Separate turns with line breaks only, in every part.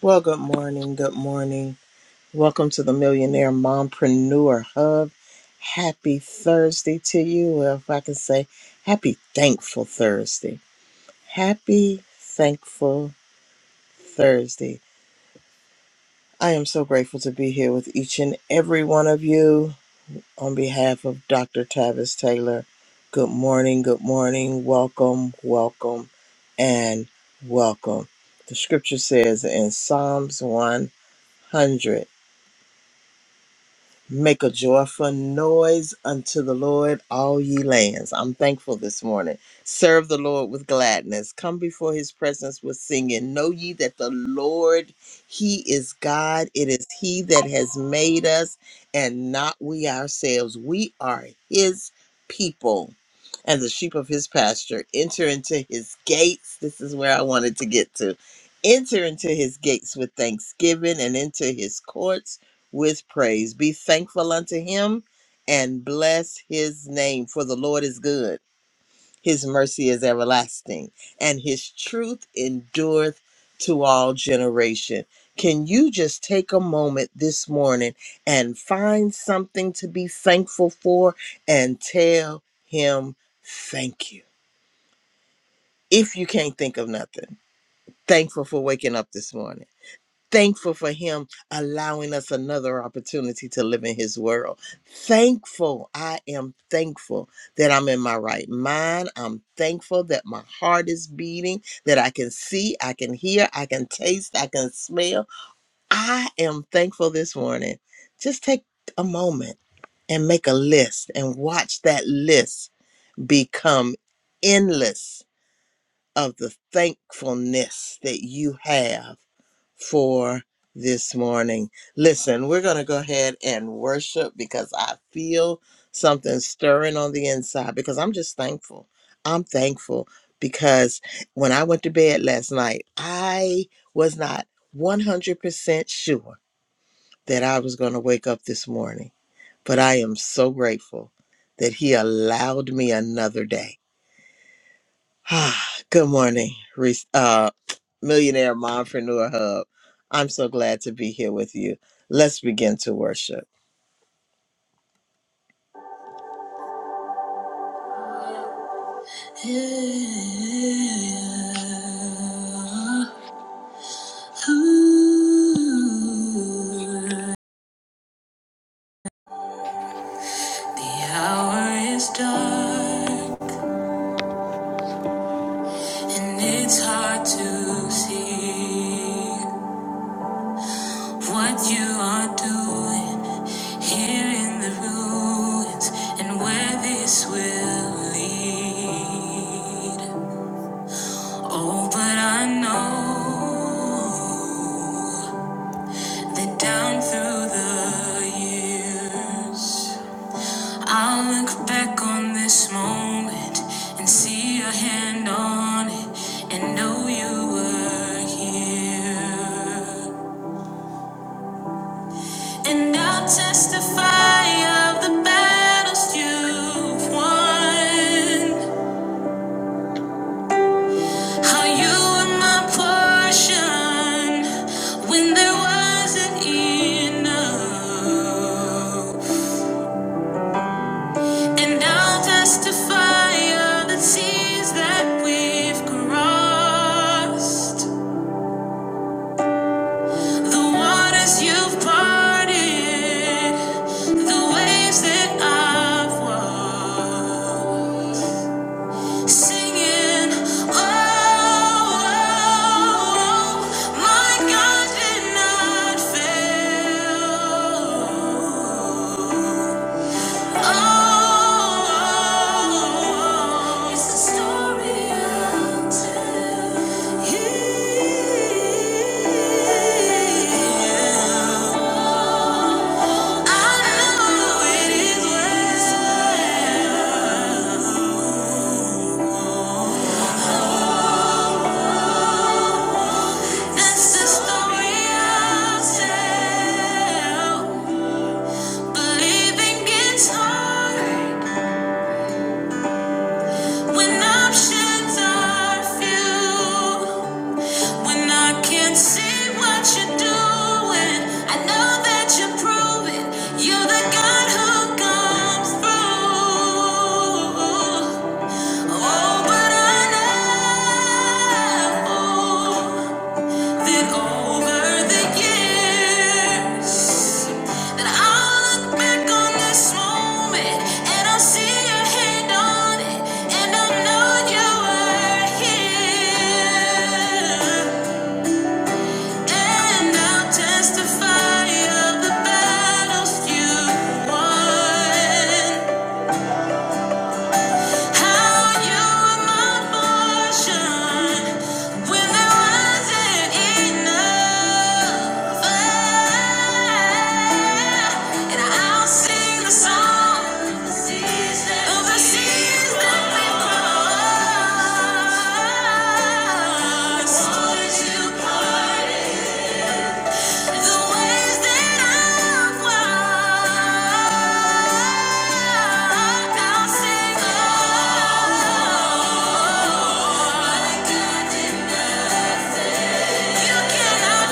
Well, good morning. Good morning. Welcome to the Millionaire Mompreneur Hub. Happy Thursday to you. Well, if I can say happy thankful Thursday. Happy thankful Thursday. I am so grateful to be here with each and every one of you on behalf of Dr. Tavis Taylor. Good morning. Good morning. Welcome, welcome, and welcome. The scripture says in Psalms 100. Make a joyful noise unto the Lord, all ye lands. I'm thankful this morning. Serve the Lord with gladness. Come before his presence with singing. Know ye that the Lord, he is God. It is he that has made us and not we ourselves. We are his people and the sheep of his pasture. Enter into his gates. This is where I wanted to get to. Enter into his gates with thanksgiving and into his courts with praise. Be thankful unto him and bless his name, for the Lord is good. His mercy is everlasting, and his truth endureth to all generation. Can you just take a moment this morning and find something to be thankful for and tell him thank you? If you can't think of nothing, thankful for waking up this morning Thankful for him allowing us another opportunity to live in his world. Thankful. I am thankful that I'm in my right mind. I'm thankful that my heart is beating, that I can see, I can hear, I can taste, I can smell. I am thankful this morning. Just take a moment and make a list and watch that list become endless of the thankfulness that you have for this morning. Listen, we're going to go ahead and worship because I feel something stirring on the inside because I'm just thankful. I'm thankful because when I went to bed last night, I was not 100% sure that I was going to wake up this morning, but I am so grateful that He allowed me another day. Good morning, Re- uh, Millionaire Mompreneur Hub. I'm so glad to be here with you. Let's begin to worship. The hour is dark and it's hard to see what you are doing. Here in the ruins and where this will lead. Oh, but I know that down through the years, I'll look back on this moment and see your hand on it and know you were here. And I'll testify of the battles you've won. How you were my portion when there wasn't enough. And I'll testify of the seas that we've crossed, the waters you've parted, the waves that I've walked. Singing, oh, oh, oh, oh. my God did not fail. Oh, oh, oh, it's the story I'll tell. Yeah, I know it is well. This is the real self. Believing it's hard when options are few. When I can't see what you're doing, I know that you're proving you're the God who comes through. Oh, but I know. That over the years, that I'll look back on this moment and I'll see your hand on it, and I'll know you were here, and I'll testify of the battles you won. Thank you the ways that I've walked, I'll sing of. My goodness, you cannot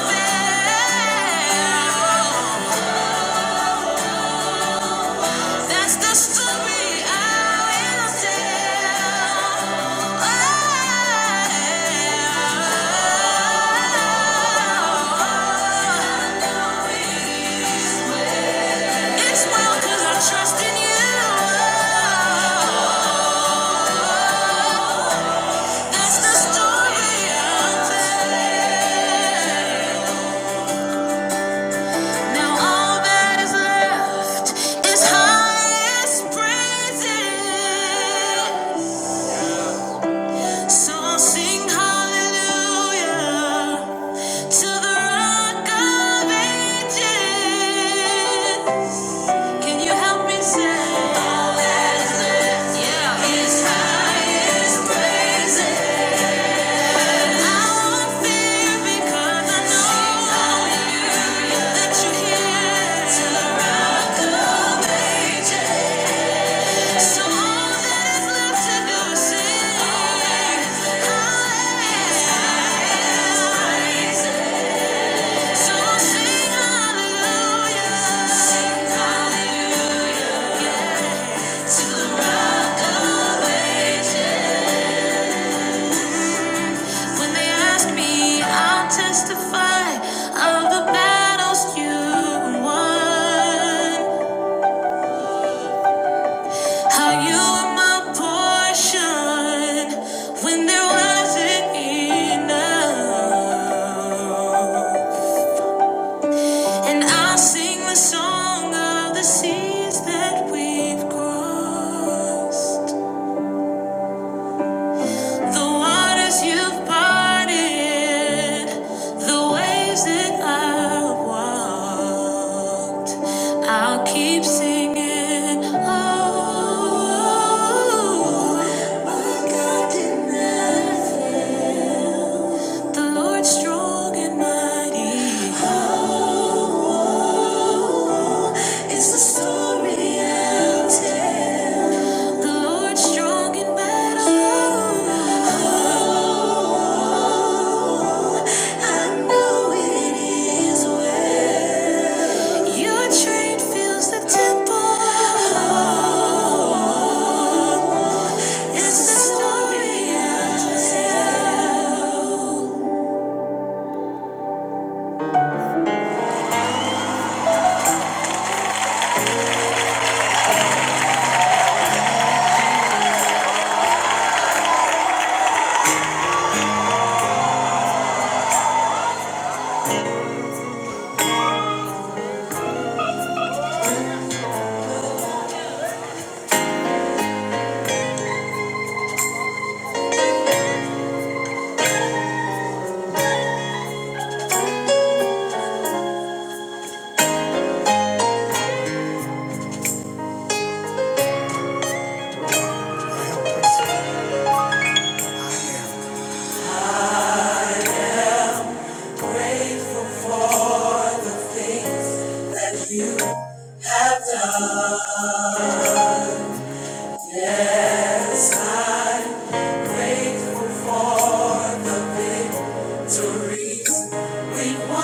fail. That's the story I will tell. I am. It's well 'cause I trust in you. That's the story of it. Now all that is left is highest praises. So I'll sing hallelujah. To the rock of ages. Can you help me say? All that is left, yeah. Is highest praises. Till the Rock of Hallelujah. When they ask me, I'll testify of the battles you won. How you were my portion when there wasn't enough. And I'll sing the song of the seas that we've crossed. The waters you've parted, the waves that I walked, I'll keep singing. Oh, oh, oh, oh. my God did nothing. The Lord's strong and mighty. It's the story I'll tell. The Lord's strong in battle. I know it is well. Your train fills the temple. It's the story I'll tell. Grateful for the things that you have done. Yes, I'm grateful for the victories we won.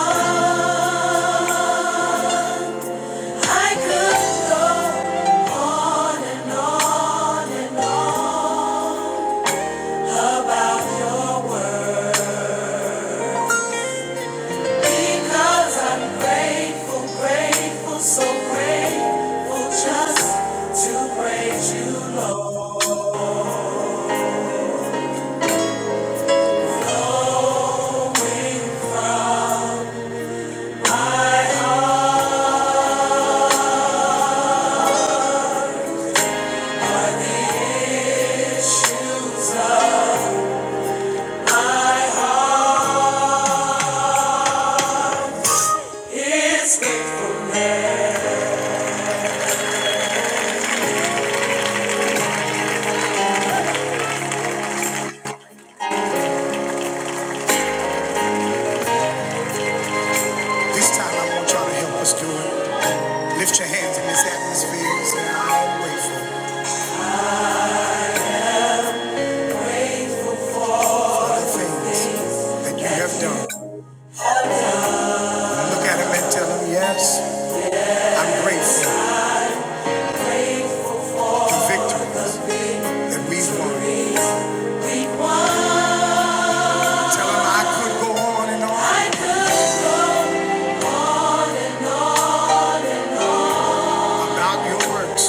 I could go on and on and on about your word. Because I'm grateful, grateful, so grateful just to praise you, Lord. Knowing from my heart. This time I want y'all to help us do it. Lift your hands in this atmosphere and say, I'm grateful for the things that you have done. Look at him and tell him, yes, I'm grateful for victories that we've won. Tell him I could go on and on about your works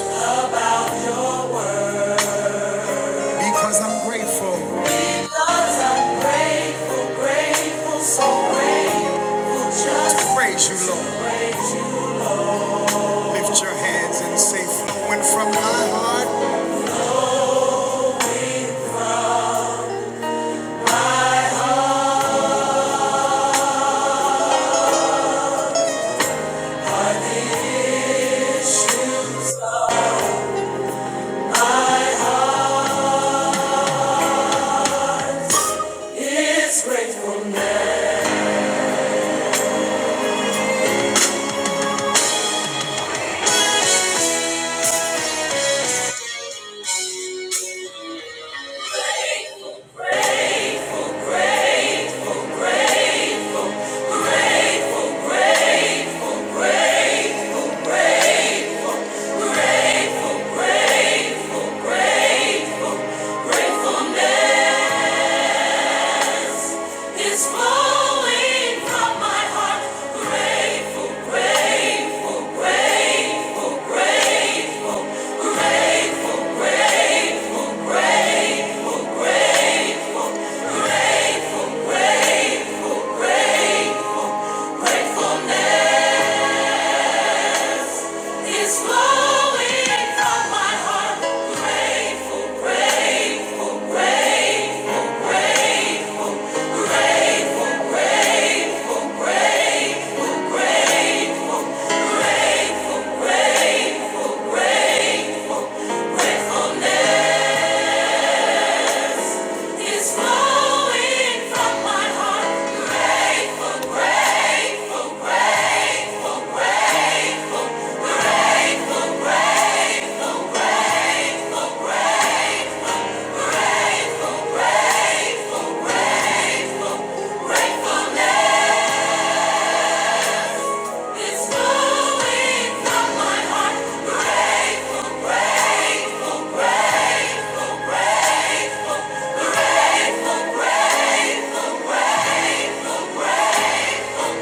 because I'm grateful. Because I'm grateful, grateful, so grateful. Just to praise you, Lord. Lift your hands and say, flowing from my heart. Grateful, grateful, grateful, grateful. Grateful, grateful, grateful, grateful, grateful, grateful, grateful, gratefulness is flowing from my heart. Grateful, grateful, grateful, grateful, grateful, grateful, gratefulness. It's flowing from my heart. Grateful, grateful, grateful, grateful, grateful, grateful, grateful, grateful, grateful, grateful, gratefulness. It's flowing from my heart. Grateful, grateful, grateful, grateful, grateful, grateful, grateful, gratefulness. It's flowing from my heart. Grateful, grateful, grateful, grateful, grateful, grateful, grateful, grateful,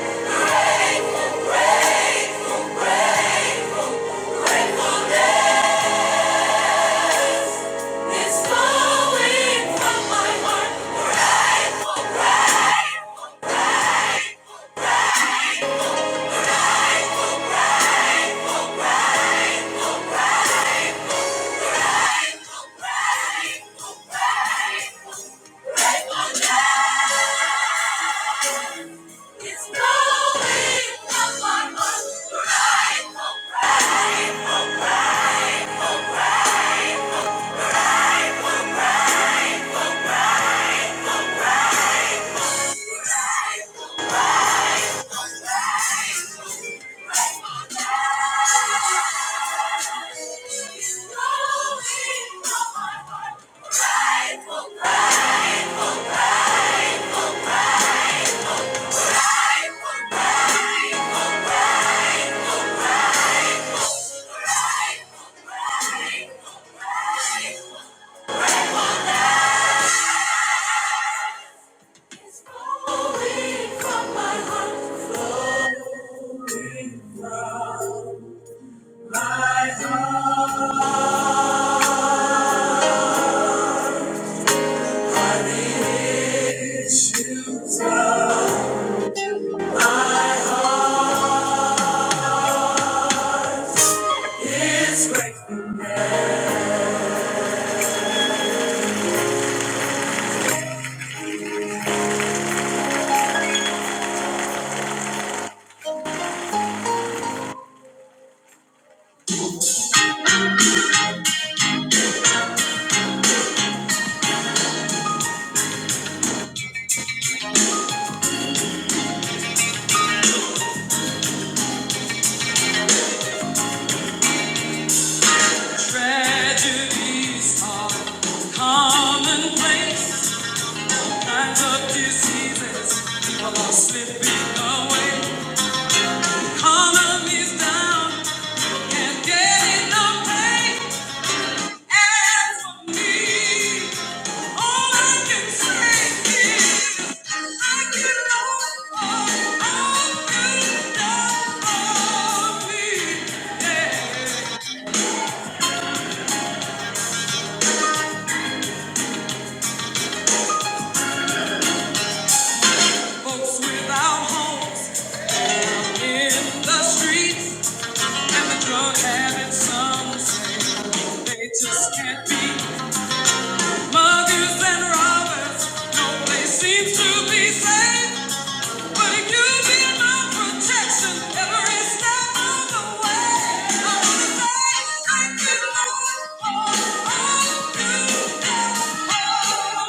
gratefulness. It's flowing from my heart. Grateful, grateful, grateful. It's blowing up my mind, grateful It's blowing up my mind, grateful It's blowing from my heart, flowing from- Tragedies are commonplace. Kinds of diseases, people are slipping away. Economy's down, can't get enough pay. As for me, all I can say is I can offer all good love for me. Yeah, folks without homes in the streets and the drug habits, some they just can't be. Muggers and robbers, no place seems to be safe. But you've been my protection every step of the way. I wanna say thank you, Lord, for all you have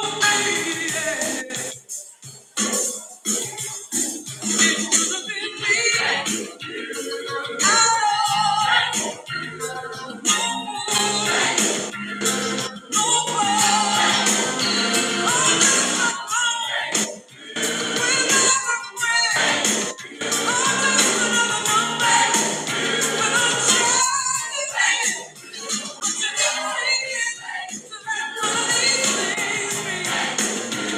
for me. If you have been me, I don't know, no one. Oh, my heart will never break. Thank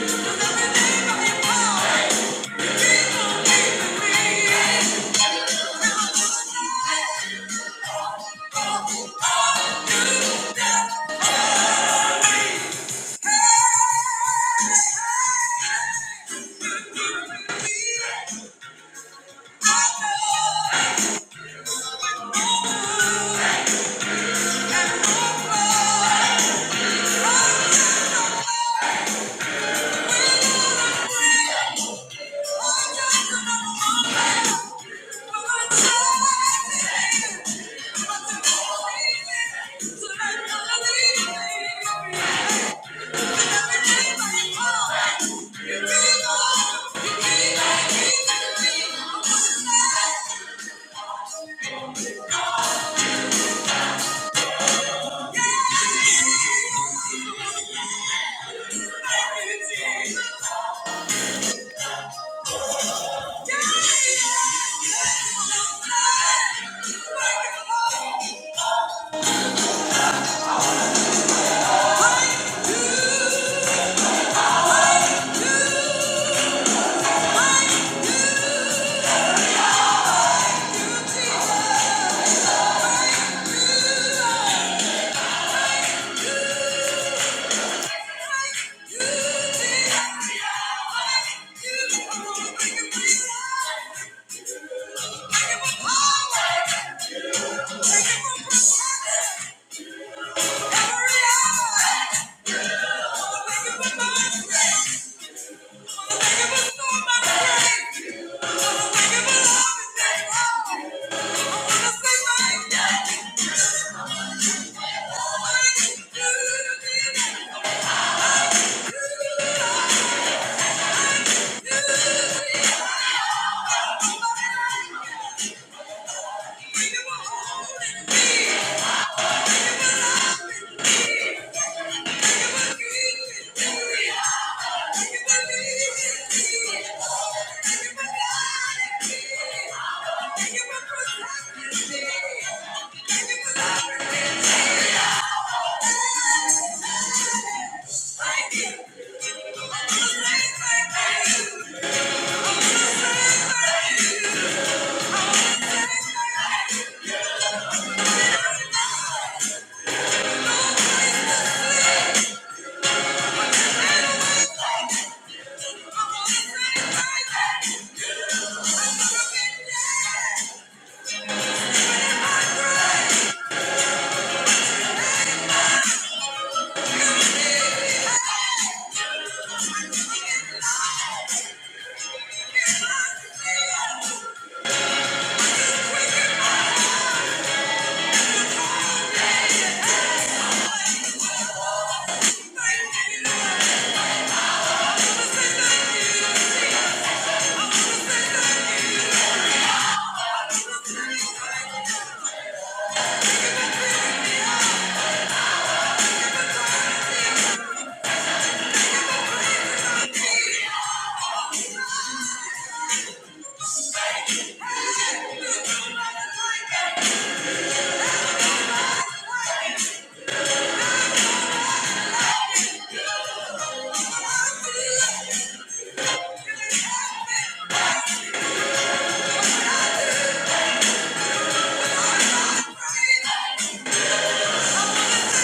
you. Thank you. Yeah. Thank you. Thank you. Thank you. Thank you.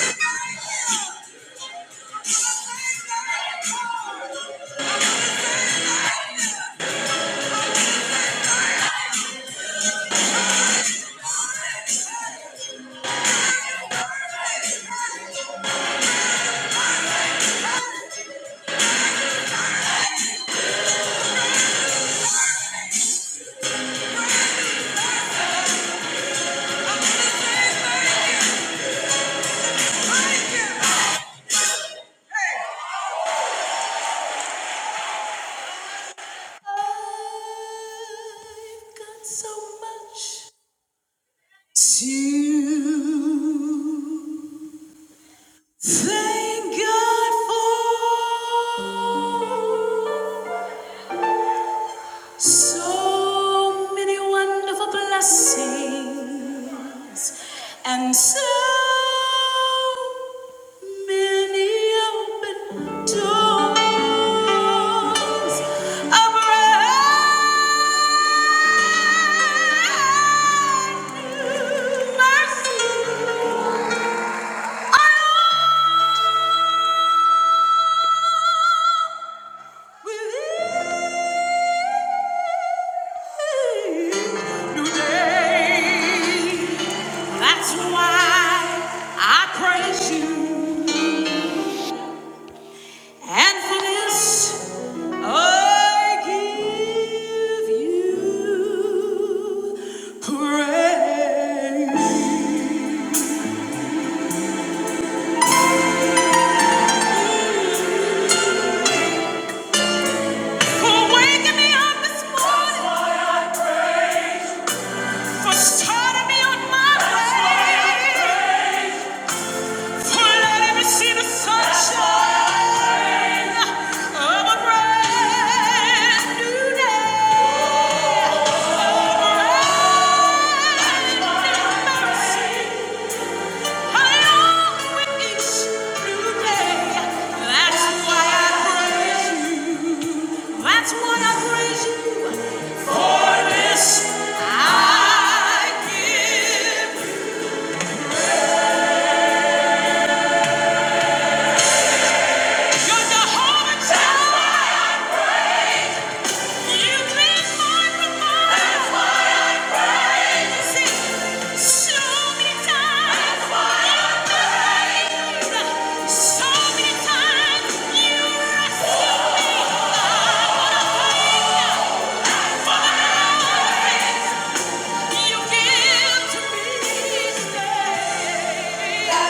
Hey! So many wonderful blessings and so many open doors. Abraham, mercy for starting my way. Let me see the sunshine of a brand new day. With each That's why I, that's why I praise you. For this I give. You're Jehovah Jireh. You cleanse my mind. That's why I praise you. Sing, show me times you praise. Show me times you You give to me.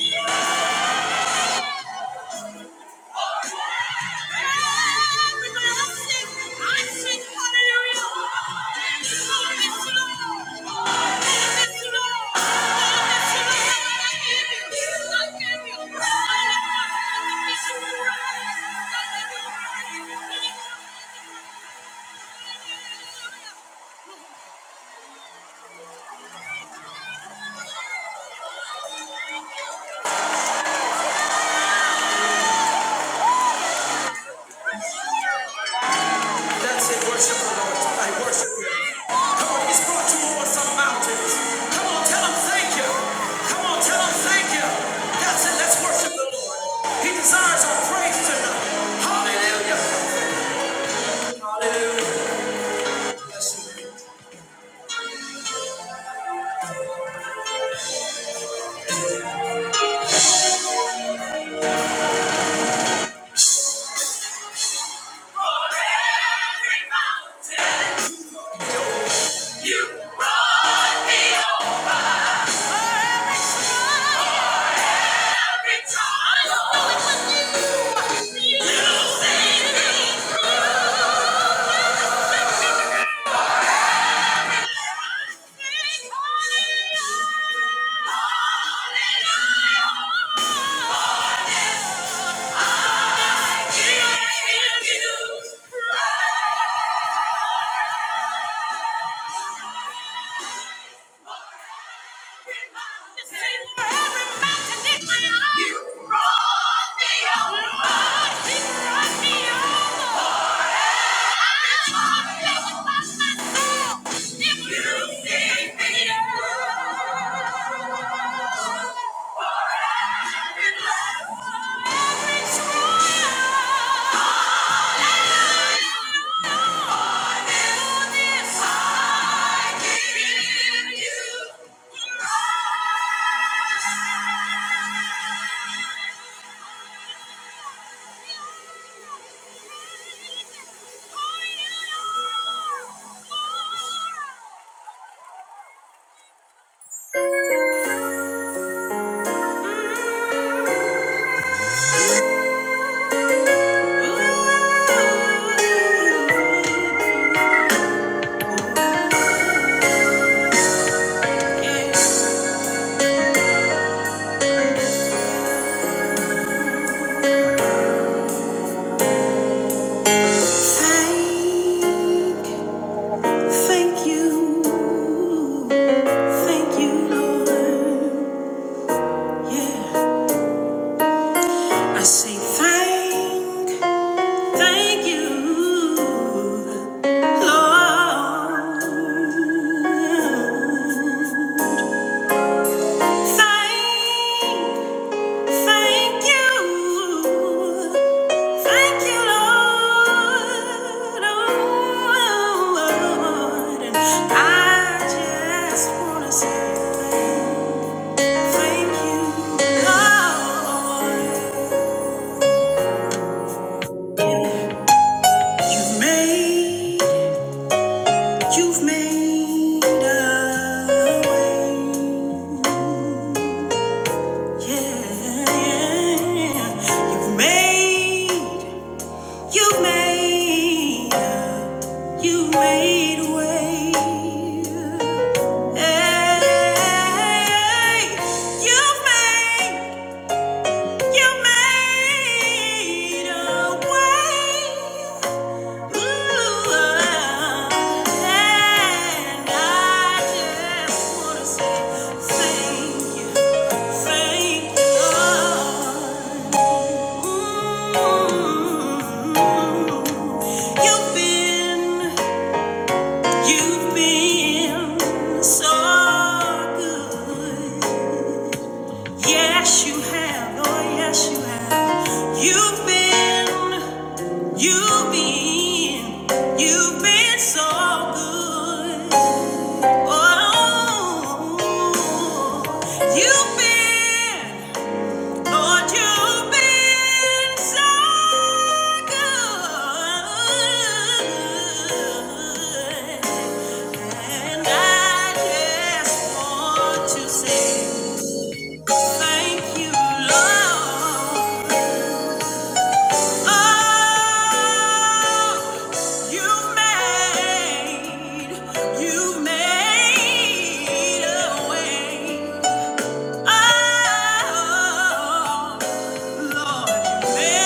Yeah. Thank you. That's it, worship the Lord. I worship you. Come on, He's brought you over some mountains. Come on, tell Him thank you. Come on, tell Him thank you. For every mountain you brought me over. For every trial you saved me through. You see me. Thank you, thank you, Lord. Yeah. Hey, You've been, you've been so good. Yes, you have. Oh, yes, you have. You've been, you've been, you've been so good. Oh, you've been, Lord, you've been so good. And I just want to say thank you, Lord. Thank you.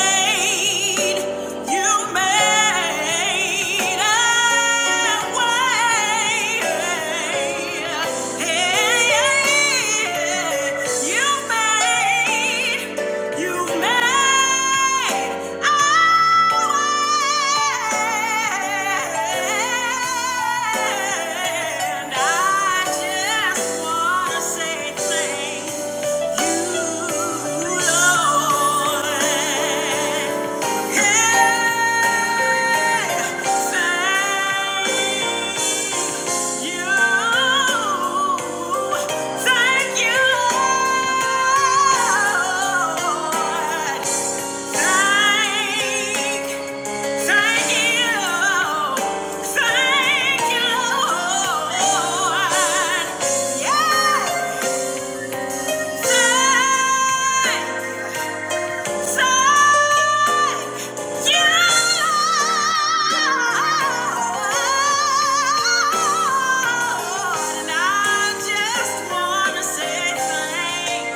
I just wanna say thank you.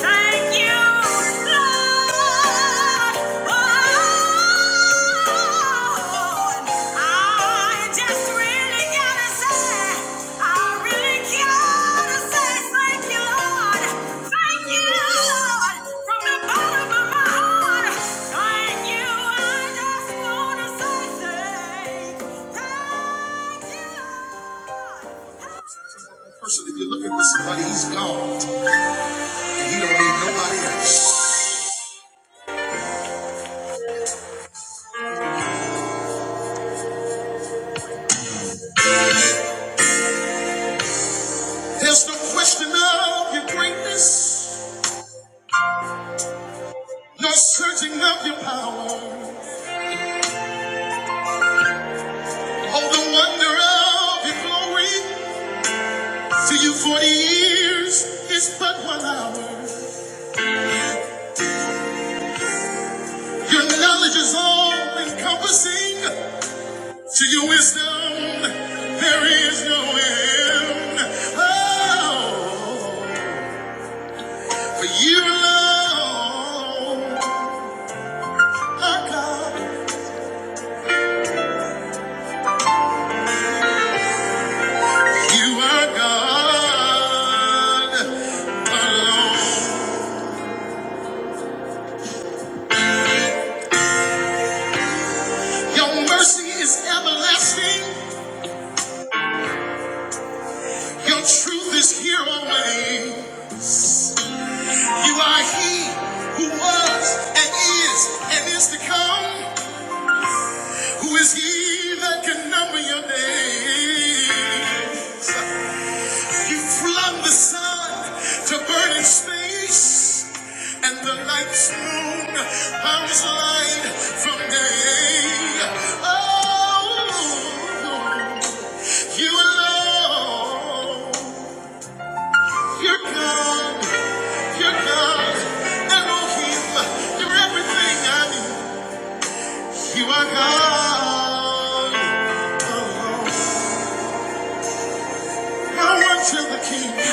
Thank you, Lord. Oh, I just really gotta say, I really gotta say thank you, Lord. Thank you, Lord, from the bottom of my heart. Thank you. I just wanna say thank if you're looking somebody, he's God, and he don't need nobody else. There's no question of your greatness, no searching of your power, oh the wonder of your glory. To you, 40 years is but one hour. Your knowledge is all encompassing. To your wisdom, there is no end. Oh, for you alone are God. You are God alone. Your mercy is everlasting. Your truth is here always. You are He who was and is and is to come. Who is He that can number your days? You flung the sun to burn in space, and the night's moon bounds light from day. Oh, you alone. Your girl, your girl, Elohim, you're everything I need. You are God. Run to the King.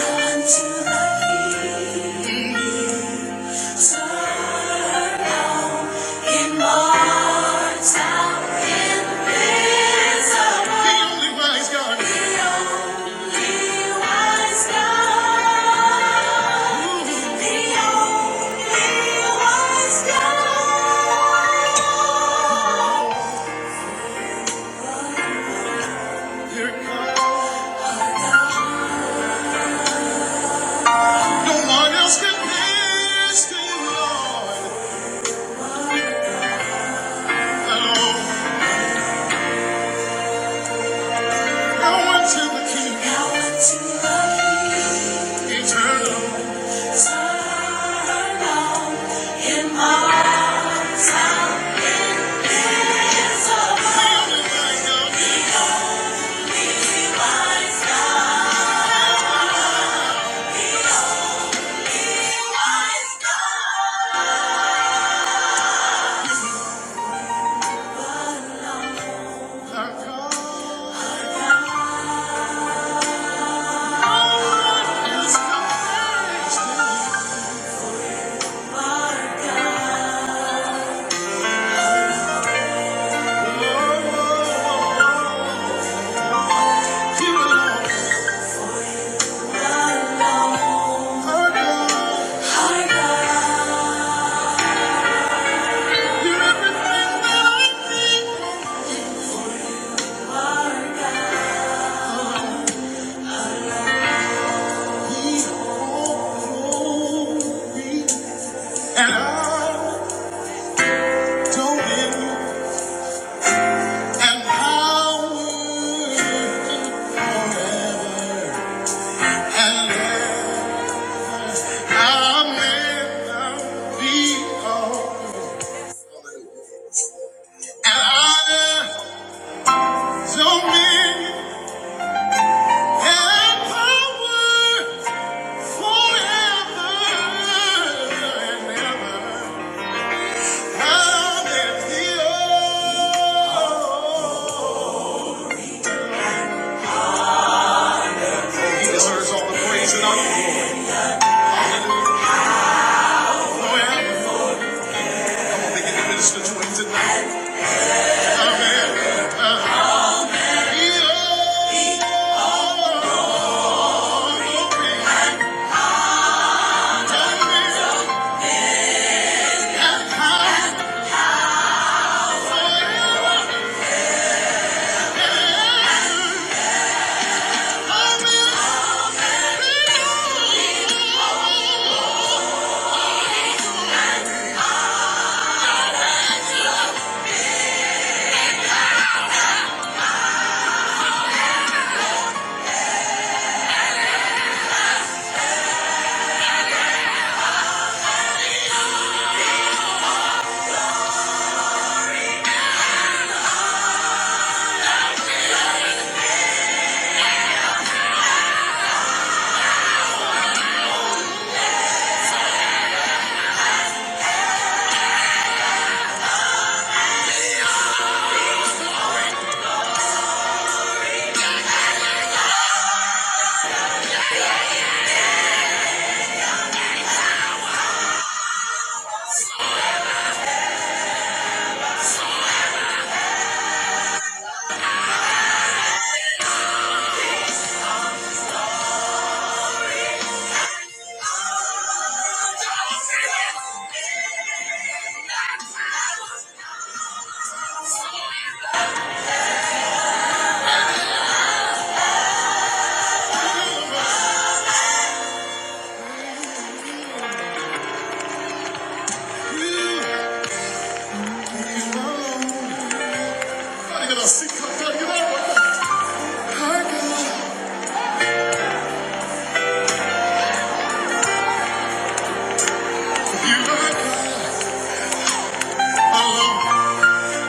Your God. No one else compares to you, Lord. Hello. Now run to the Eternal. Don't be He deserves all the praise and all the glory. Forever. They can minister tonight. Amen.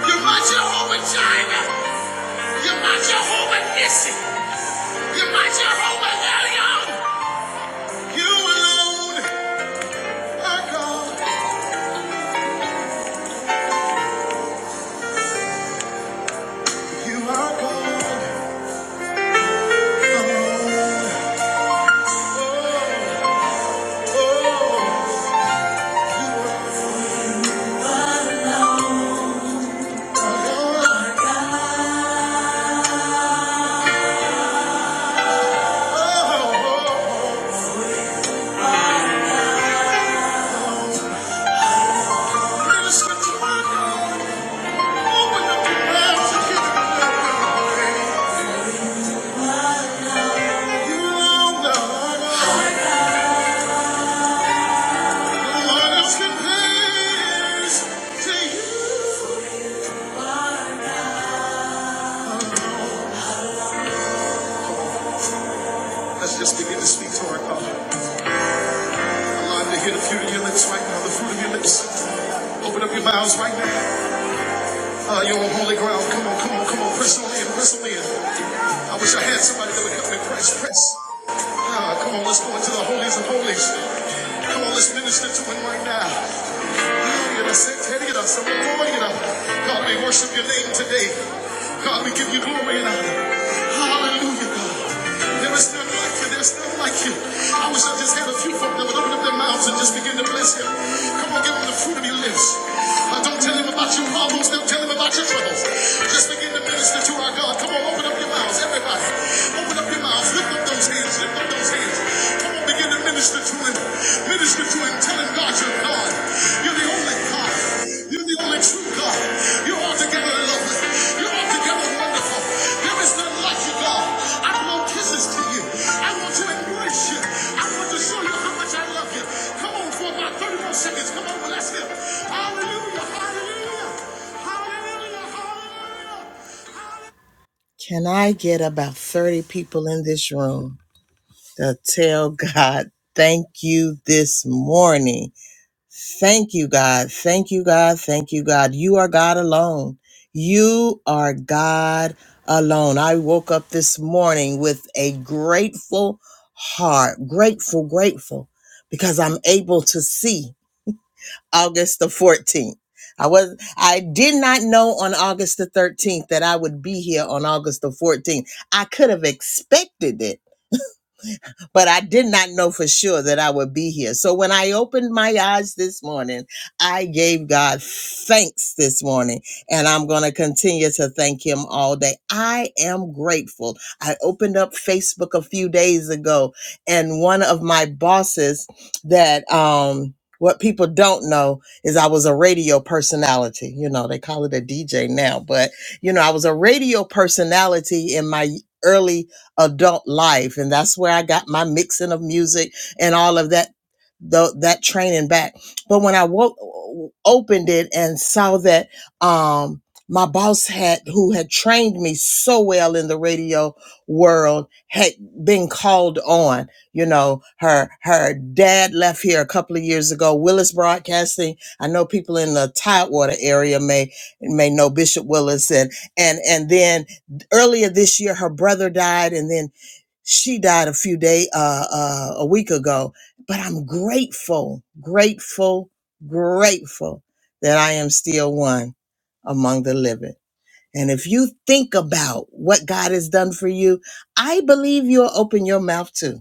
You're my Jehovah Jireh. You're my Jehovah Nissi. Let's just begin to speak to our God. Allow him to hear the fruit of your lips right now, the fruit of your lips. Open up your mouths right now. Uh, you're on holy ground. Come on, come on, come on. Press on in, press on in. I wish I had somebody that would help me press, press. Ah, come on, let's go into the holies of holies. Come on, let's minister to him right now. God, we worship your name today. God, we give you glory and honor. Hallelujah, God. There is none like you. There's none like you. I wish I just had a few folk that would open up their mouths and just begin to bless him. Come on, give him the fruit of your lips. Uh, don't tell him about your problems. Don't tell him about your troubles. Just begin to minister to our God. Come on. Open up your mouths, everybody. Open up your mouths. Lift up those hands. Lift up those hands. Come on, begin to minister to him. Minister to him, telling God you're God. You're the only God. You're the only true God. You're altogether lovely. You're altogether wonderful. There is none like you, God. I blow kisses to you. I want to embrace you. I want to show you how I feel. Come on for about 30 more seconds. Come on, bless him. Can I get about 30 people in this room? to tell God, thank you this morning. Thank you, God. Thank you, God. Thank you, God. You are God alone. You are God alone. I woke up this morning with a grateful heart, grateful, grateful, because I'm able to see August the 14th. I was I did not know on August the 13th that I would be here on August the 14th. I could have expected it but I did not know for sure that I would be here. So when I opened my eyes this morning, I gave God thanks this morning, and I'm going to continue to thank Him all day. I am grateful. I opened up Facebook a few days ago, and one of my bosses that, um, what people don't know is I was a radio personality. You know, they call it a DJ now, but you know, I was a radio personality in my early adult life. And that's where I got my mixing of music and all of that, tho- that training back. But when I wo- opened it and saw that, um, my boss had, who had trained me so well in the radio world, had been called on. You know, her her dad left here a couple of years ago. Willis Broadcasting. I know people in the Tidewater area may may know Bishop Willis, and and and then earlier this year her brother died and then she died a few day uh, uh a week ago but i'm grateful grateful grateful that i am still one among the living and if you think about what god has done for you i believe you'll open your mouth too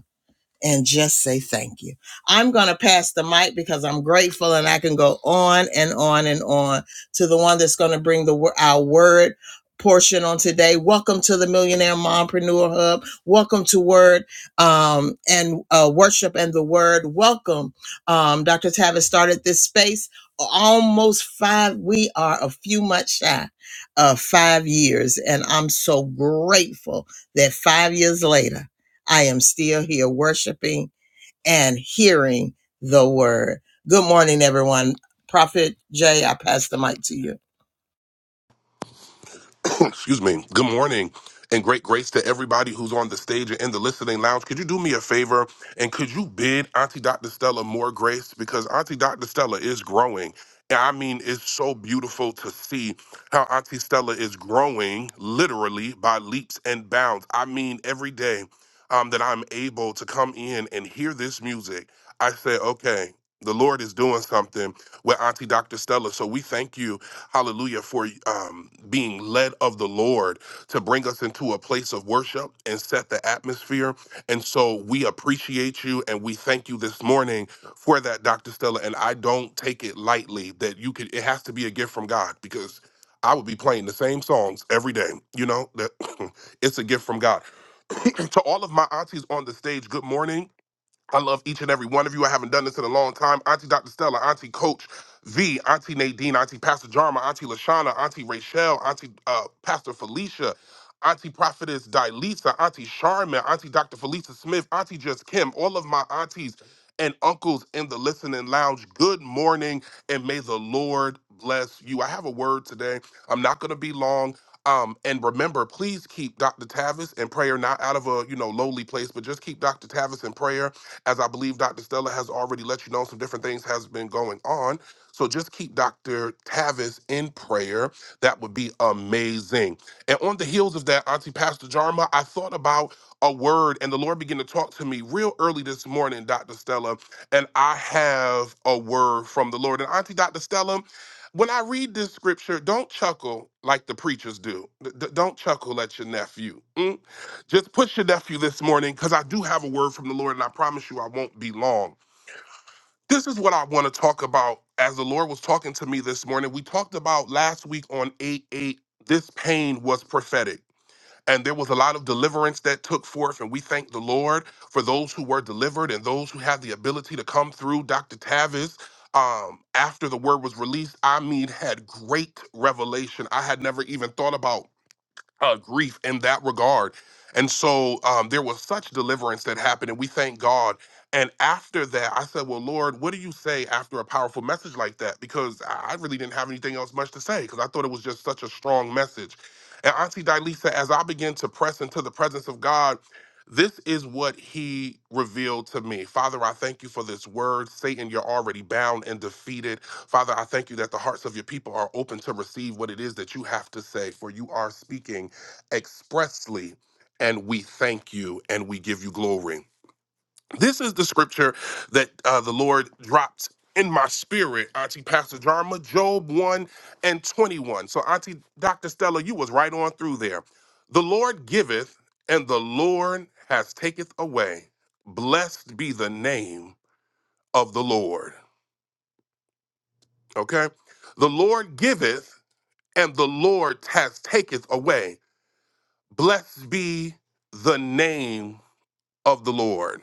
and just say thank you. I'm going to pass the mic because I'm grateful and I can go on and on and on to the one that's going to bring the our word portion on today. Welcome to the Millionaire Mompreneur Hub. Welcome to Word um, and uh, Worship and the Word. Welcome. Um, Dr. Tavis started this space almost five. We are a few months shy of five years, and I'm so grateful that five years later, I am still here worshiping and hearing the word. Good morning, everyone. Prophet Jay, I pass the mic to you.
excuse me, good morning and great grace to everybody who's on the stage and in the listening lounge. Could you do me a favor and could you bid Auntie Dr. Stella more grace? Because Auntie Dr. Stella is growing. And I mean, it's so beautiful to see how Auntie Stella is growing literally by leaps and bounds. I mean, every day um, that I'm able to come in and hear this music, I say, okay, the Lord is doing something with Auntie Dr. Stella. So we thank you hallelujah, for um, being led of the Lord to bring us into a place of worship and set the atmosphere. And so we appreciate you and we thank you this morning for that, Dr. Stella. And I don't take it lightly that you could, it has to be a gift from God because I would be playing the same songs every day. You know, that it's a gift from God. to all of my aunties on the stage, good morning I love each and every one of you. I haven't done this in a long time. Auntie Dr. Stella, Auntie Coach V, Auntie Nadine, Auntie Pastor Jarma, Auntie Lashana, Auntie Rachelle, Auntie uh, Pastor Felicia, Auntie Prophetess Dilisa, Auntie Charmin, Auntie Dr. Felicia Smith, Auntie Just Kim, all of my aunties and uncles in the listening lounge. Good morning, and may the Lord bless you. I have a word today. I'm not going to be long. Um, and remember, please keep Dr. Tavis in prayer, not out of a you know lowly place, but just keep Dr. Tavis in prayer as I believe Dr. Stella has already let you know, some different things has been going on. So just keep Dr. Tavis in prayer. That would be amazing. And on the heels of that, Auntie Pastor Jarma, I thought about a word, and the Lord began to talk to me real early this morning, Dr. Stella, and I have a word from the Lord. And Auntie Dr. Stella, when I read this scripture, don't chuckle like the preachers do. D- d- don't chuckle at your nephew. Mm? Just push your nephew this morning because I do have a word from the Lord and I promise you I won't be long. This is what I want to talk about as the Lord was talking to me this morning. We talked about last week on 8 8, this pain was prophetic. And there was a lot of deliverance that took forth, and we thank the Lord for those who were delivered and those who had the ability to come through. Dr. Tavis, um, after the word was released, I mean, had great revelation I had never even thought about uh, grief in that regard. And so um, there was such deliverance that happened, and we thank God. And after that, I said, Well, Lord, what do you say after a powerful message like that? Because I I really didn't have anything else much to say because I thought it was just such a strong message. And Auntie Dilisa, as I began to press into the presence of God, this is what he revealed to me. Father, I thank you for this word. Satan, you're already bound and defeated. Father, I thank you that the hearts of your people are open to receive what it is that you have to say, for you are speaking expressly, and we thank you and we give you glory. This is the scripture that uh, the Lord dropped in my spirit, Auntie Pastor Jarma, Job 1 and 21. So, Auntie Dr. Stella, you was right on through there. The Lord giveth, and the Lord has taketh away. Blessed be the name of the Lord. Okay? The Lord giveth, and the Lord has taketh away. Blessed be the name of the Lord.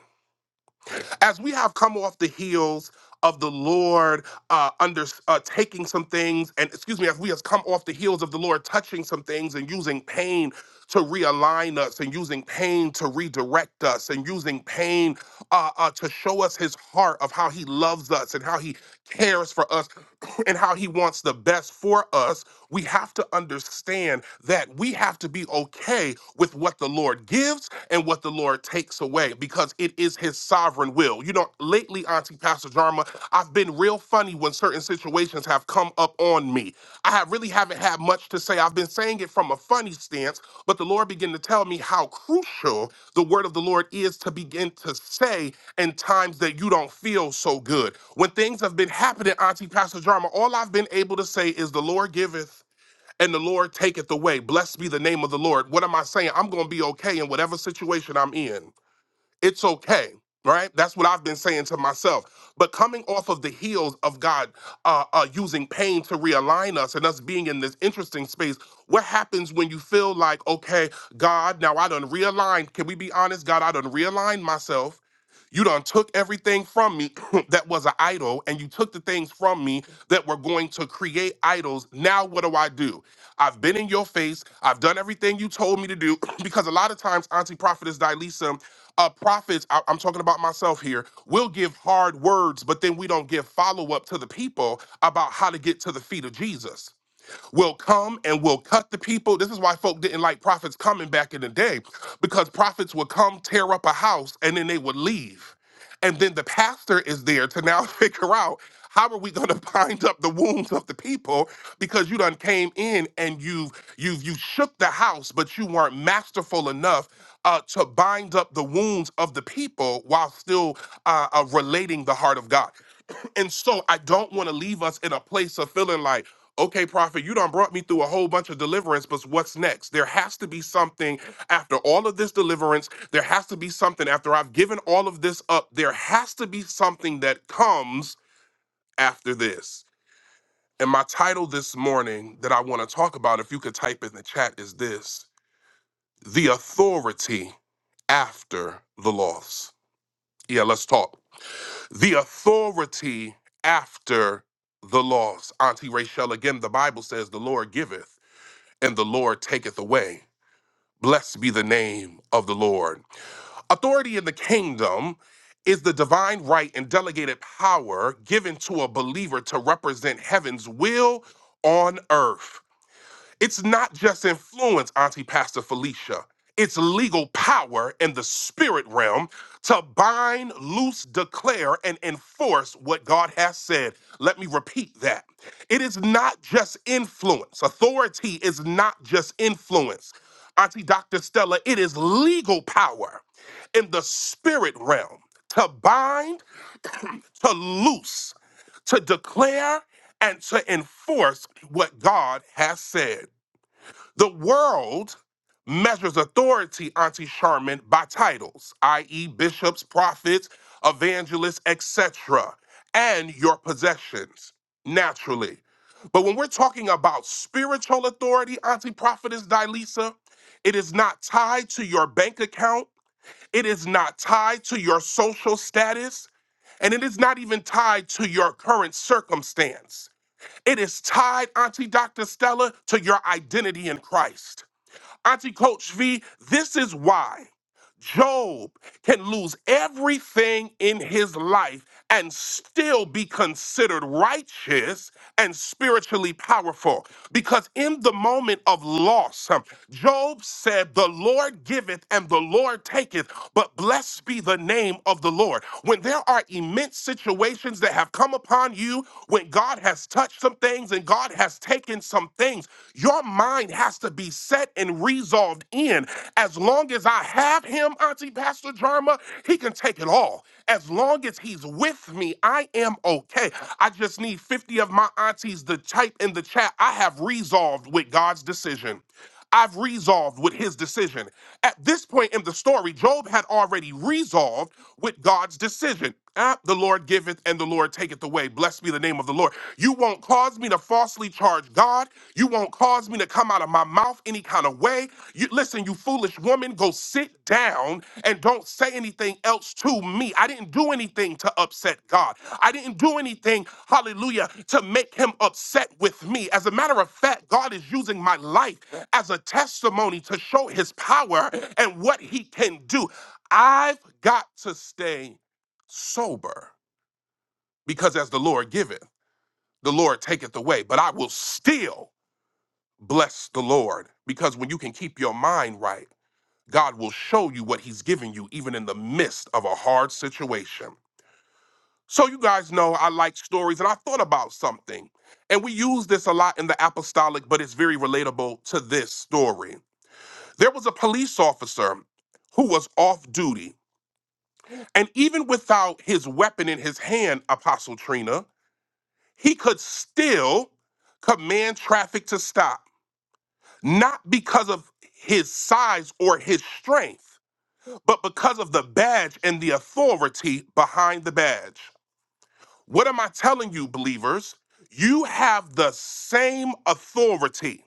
As we have come off the heels of the Lord uh, under uh, taking some things, and excuse me, as we have come off the heels of the Lord touching some things and using pain to realign us, and using pain to redirect us, and using pain uh, uh, to show us His heart of how He loves us and how He cares for us and how He wants the best for us we have to understand that we have to be okay with what the Lord gives and what the Lord takes away because it is His sovereign will. You know, lately, Auntie Pastor Jarma, I've been real funny when certain situations have come up on me. I have really haven't haven't had much to say. I've been saying it from a funny stance, but the Lord began to tell me how crucial the word of the Lord is to begin to say in times that you don't feel so good. When things have been happening, Auntie Pastor Jarma. all I've been able to say is the Lord giveth and the Lord taketh away. Blessed be the name of the Lord. What am I saying? I'm going to be okay in whatever situation I'm in it's okay right that's what i've been saying to myself but coming off of the heels of god uh, uh using pain to realign us and us being in this interesting space what happens when you feel like okay god now i done realigned can we be honest god i done realigned myself you done took everything from me that was an idol, and you took the things from me that were going to create idols. Now what do I do? I've been in your face. I've done everything you told me to do because a lot of times, Auntie Prophetess Dilisa, uh, prophets, I- I'm talking about myself here, will give hard words, but then we don't give follow up to the people about how to get to the feet of Jesus will come and will cut the people. This is why folk didn't like prophets coming back in the day, because prophets would come, tear up a house, and then they would leave. And then the pastor is there to now figure out how are we going to bind up the wounds of the people because you done came in and you've you've you shook the house, but you weren't masterful enough uh, to bind up the wounds of the people while still uh, uh, relating the heart of God. And so I don't want to leave us in a place of feeling like, okay, prophet, you done brought me through a whole bunch of deliverance, but what's next? There has to be something after all of this deliverance. There has to be something after I've given all of this up. There has to be something that comes after this. And my title this morning that I want to talk about, if you could type in the chat, is this The Authority After the Loss. Yeah, let's talk. the authority after the laws. Auntie Rachel, again, the Bible says, The Lord giveth and the Lord taketh away. Blessed be the name of the Lord. Authority in the kingdom is the divine right and delegated power given to a believer to represent heaven's will on earth. It's not just influence, Auntie Pastor Felicia. It's legal power in the spirit realm to bind, loose, declare, and enforce what God has said. Let me repeat that. It is not just influence. Authority is not just influence. Auntie Dr. Stella, it is legal power in the spirit realm to bind, to loose, to declare, and to enforce what God has said. The world measures authority, Auntie Charmin, by titles, i.e., bishops, prophets, evangelists, etc., and your possessions, naturally. But when we're talking about spiritual authority, Auntie Prophetess Dilisa, it is not tied to your bank account, it is not tied to your social status, and it is not even tied to your current circumstance. It is tied, Auntie Dr. Stella, to your identity in Christ. Auntie Coach V, this is why. Job can lose everything in his life and still be considered righteous and spiritually powerful. Because in the moment of loss, um, Job said, The Lord giveth and the Lord taketh, but blessed be the name of the Lord. When there are immense situations that have come upon you, when God has touched some things and God has taken some things, your mind has to be set and resolved in as. As long as I have him, Auntie Pastor Jarma, he can take it all. As long as he's with me, I am okay. I just need 50 of my aunties to type in the chat. I have resolved with God's decision. I've resolved with his decision. At this point in the story, Job had already resolved with God's decision. Ah, the Lord giveth and the Lord taketh away. Blessed be the name of the Lord. You won't cause me to falsely charge God. You won't cause me to come out of my mouth any kind of way. You, listen, you foolish woman, go sit down and don't say anything else to me. I didn't do anything to upset God. I didn't do anything, hallelujah, to make him upset with me. As a matter of fact, God is using my life as a testimony to show his power and what he can do. I've got to stay sober because as the Lord giveth, the Lord taketh away, but I will still bless the Lord because when you can keep your mind right, God will show you what He's giving you, even in the midst of a hard situation. So, you guys know I like stories, and I thought about something. And we use this a lot in the apostolic, but it's very relatable to this story. There was a police officer who was off duty, and even without his weapon in his hand, Apostle Trina, he could still command traffic to stop, not because of his size or his strength but because of the badge and the authority behind the badge. What am I telling you, believers? You have the same authority.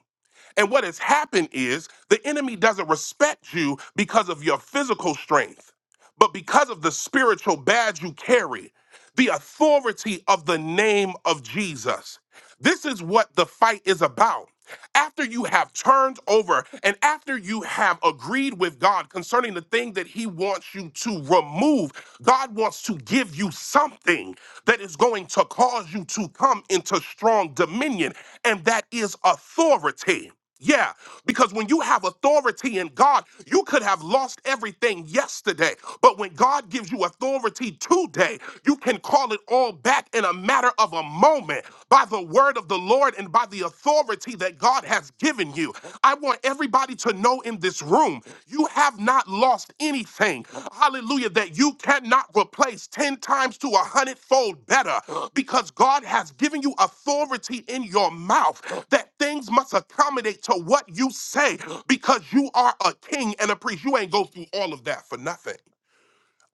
And what has happened is the enemy doesn't respect you because of your physical strength, but because of the spiritual badge you carry, the authority of the name of Jesus. This is what the fight is about. After you have turned over and after you have agreed with God concerning the thing that He wants you to remove, God wants to give you something that is going to cause you to come into strong dominion, and that is authority. Yeah, because when you have authority in God, you could have lost everything yesterday. But when God gives you authority today, you can call it all back in a matter of a moment by the word of the Lord and by the authority that God has given you. I want everybody to know in this room. You have not lost anything. Hallelujah. That you cannot replace 10 times to a hundredfold better because God has given you authority in your mouth that things must accommodate to what you say because you are a king and a priest. You ain't go through all of that for nothing.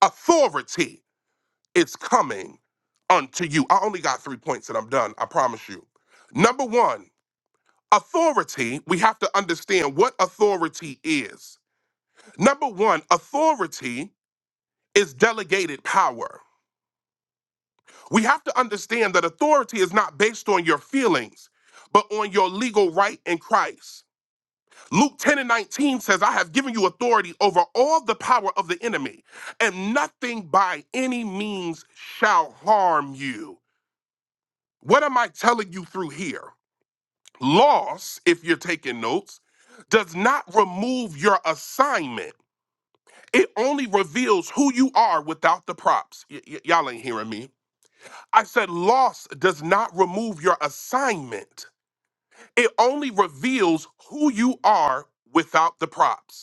Authority is coming unto you. I only got three points and I'm done. I promise you. Number one, authority, we have to understand what authority is. Number one, authority is delegated power. We have to understand that authority is not based on your feelings, but on your legal right in Christ. Luke 10 and 19 says, I have given you authority over all the power of the enemy, and nothing by any means shall harm you. What am I telling you through here? Loss, if you're taking notes, does not remove your assignment It only reveals who you are without the props. Y- y- y'all ain't hearing me. I said loss does not remove your assignment. It only reveals who you are without the props.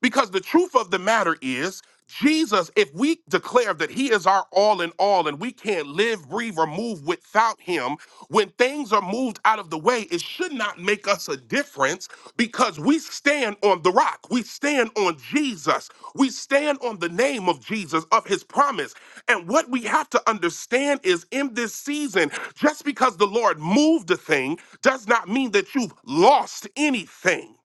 Because the truth of the matter is, Jesus, if we declare that he is our all in all and we can't live, breathe, or move without him, when things are moved out of the way, it should not make us a difference because we stand on the rock. We stand on Jesus. We stand on the name of Jesus, of his promise. And what we have to understand is in this season, just because the Lord moved a thing does not mean that you've lost anything.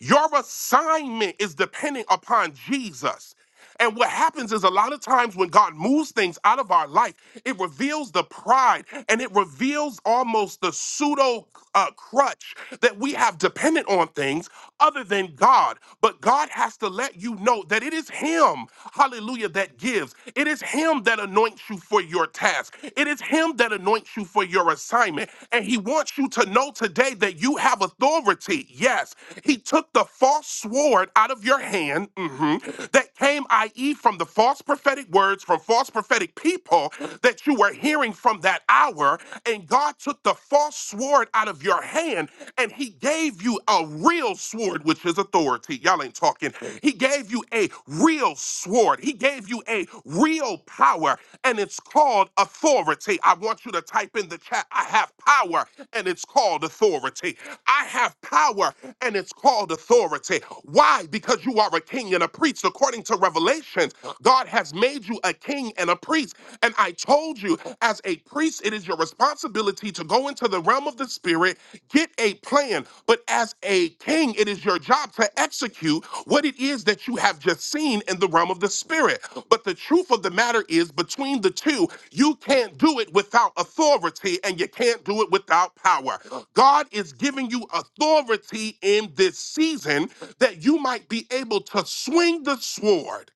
Your assignment is depending upon Jesus. And what happens is a lot of times when God moves things out of our life, it reveals the pride and it reveals almost the pseudo uh, crutch that we have dependent on things other than God. But God has to let you know that it is Him, hallelujah, that gives. It is Him that anoints you for your task. It is Him that anoints you for your assignment. And He wants you to know today that that you have authority. Yes, he took the false sword out of your hand mhm, that came, i.e., from the false prophetic words from false prophetic people that you were hearing from that hour. And God took the false sword out of your hand and he gave you a real sword, which is authority. Y'all ain't talking. He gave you a real sword, he gave you a real power, and it's called authority. I want you to type in the chat ha- I have power and it's called authority. I have power and it's called authority. Why? Because you are a king and a priest. According to Revelations, God has made you a king and a priest. And I told you, as a priest, it is your responsibility to go into the realm of the spirit, get a plan. But as a king, it is your job to execute what it is that you have just seen in the realm of the spirit. But the truth of the matter is, between the two, you can't do it without authority and you can't do it without power. God is giving you authority in this season that you might be able to swing the sword.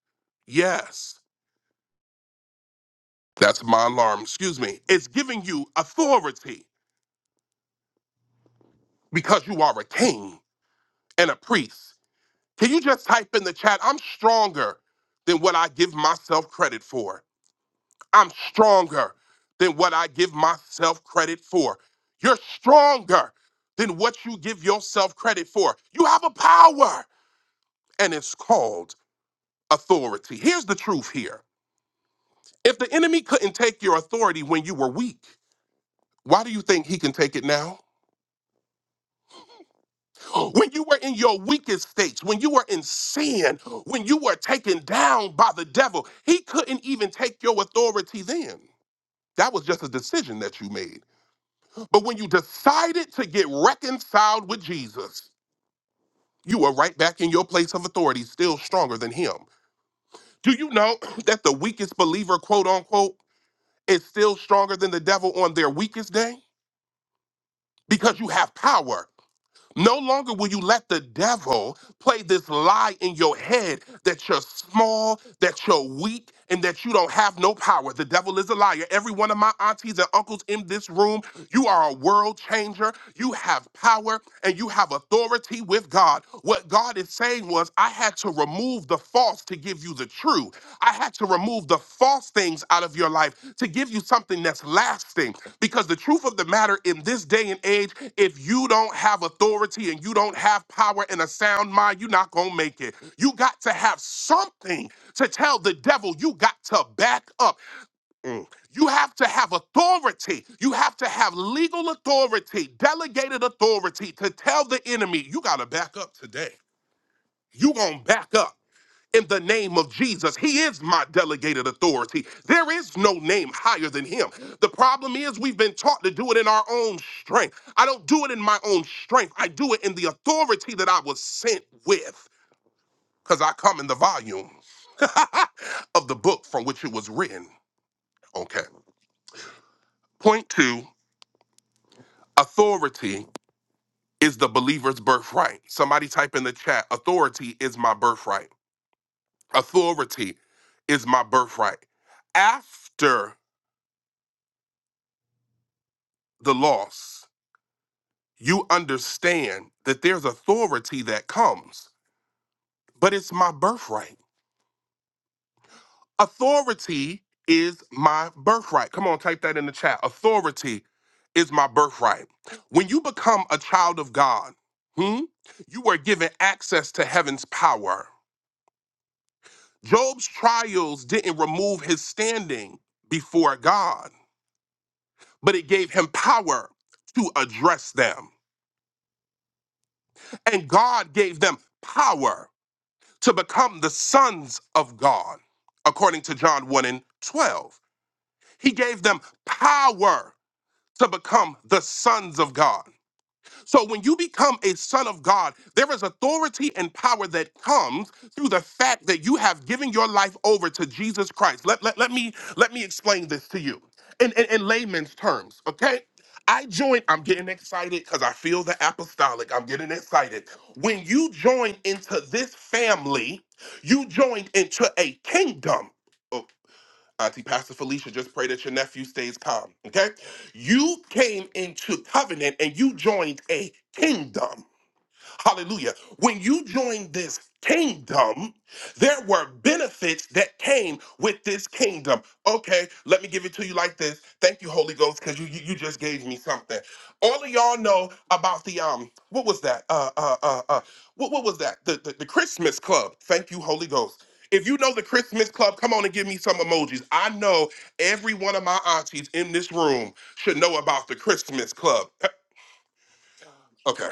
Yes, that's my alarm. Excuse me. It's giving you authority because you are a king and a priest. Can you just type in the chat? I'm stronger than what I give myself credit for. I'm stronger than what I give myself credit for. You're stronger than what you give yourself credit for. You have a power, and it's called authority. Here's the truth here if the enemy couldn't take your authority when you were weak, why do you think he can take it now? When you were in your weakest states, when you were in sin, when you were taken down by the devil, he couldn't even take your authority then. That was just a decision that you made. But when you decided to get reconciled with Jesus, you are right back in your place of authority, still stronger than him. Do you know that the weakest believer, quote unquote, is still stronger than the devil on their weakest day? Because you have power. No longer will you let the devil play this lie in your head that you're small, that you're weak, and that you don't have no power. The devil is a liar. Every one of my aunties and uncles in this room, you are a world changer. You have power and you have authority with God. What God is saying was, I had to remove remove the false to give you the true. I had to remove the false things out of your life to give you something that's lasting. Because the truth of the matter in this day and age, if you don't have authority and you don't have power and a sound mind, you're not going to make it. You got to have something to tell the devil you got to back up. Mm. You have to have authority. You have to have legal authority, delegated authority to tell the enemy, you got to back up today. You going to back up in the name of Jesus. He is my delegated authority. There is no name higher than him. The problem is we've been taught to do it in our own strength. I don't do it in my own strength. I do it in the authority that I was sent with because I come in the volume of the book from which it was written. Okay. Point two, authority is the believer's birthright. Somebody type in the chat, authority is my birthright. Authority is my birthright. After the loss. you understand that there's authority that comes, but it's my birthright. Authority is my birthright. Come on, type that in the chat. Authority is my birthright. When you become a child of God, hmm, you are given access to heaven's power. Job's trials didn't remove his standing before God, but it gave him power to address them. And God gave them power to become the sons of God, according to John 1 and 12. He gave them power to become the sons of God. So when you become a son of God, there is authority and power that comes through the fact that you have given your life over to Jesus Christ. Let, let, let me let me explain this to you in, in, in layman's terms, okay? I joined, I'm getting excited because I feel the apostolic. I'm getting excited. When you join into this family, you joined into a kingdom. Auntie Pastor Felicia, just pray that your nephew stays calm. Okay? You came into covenant and you joined a kingdom. Hallelujah. When you joined this kingdom, there were benefits that came with this kingdom. Okay, let me give it to you like this. Thank you, Holy Ghost, because you, you you just gave me something. All of y'all know about the um, what was that? Uh uh uh uh what, what was that? The, the the Christmas club. Thank you, Holy Ghost. If you know the Christmas club, come on and give me some emojis. I know every one of my aunties in this room should know about the Christmas club. Okay.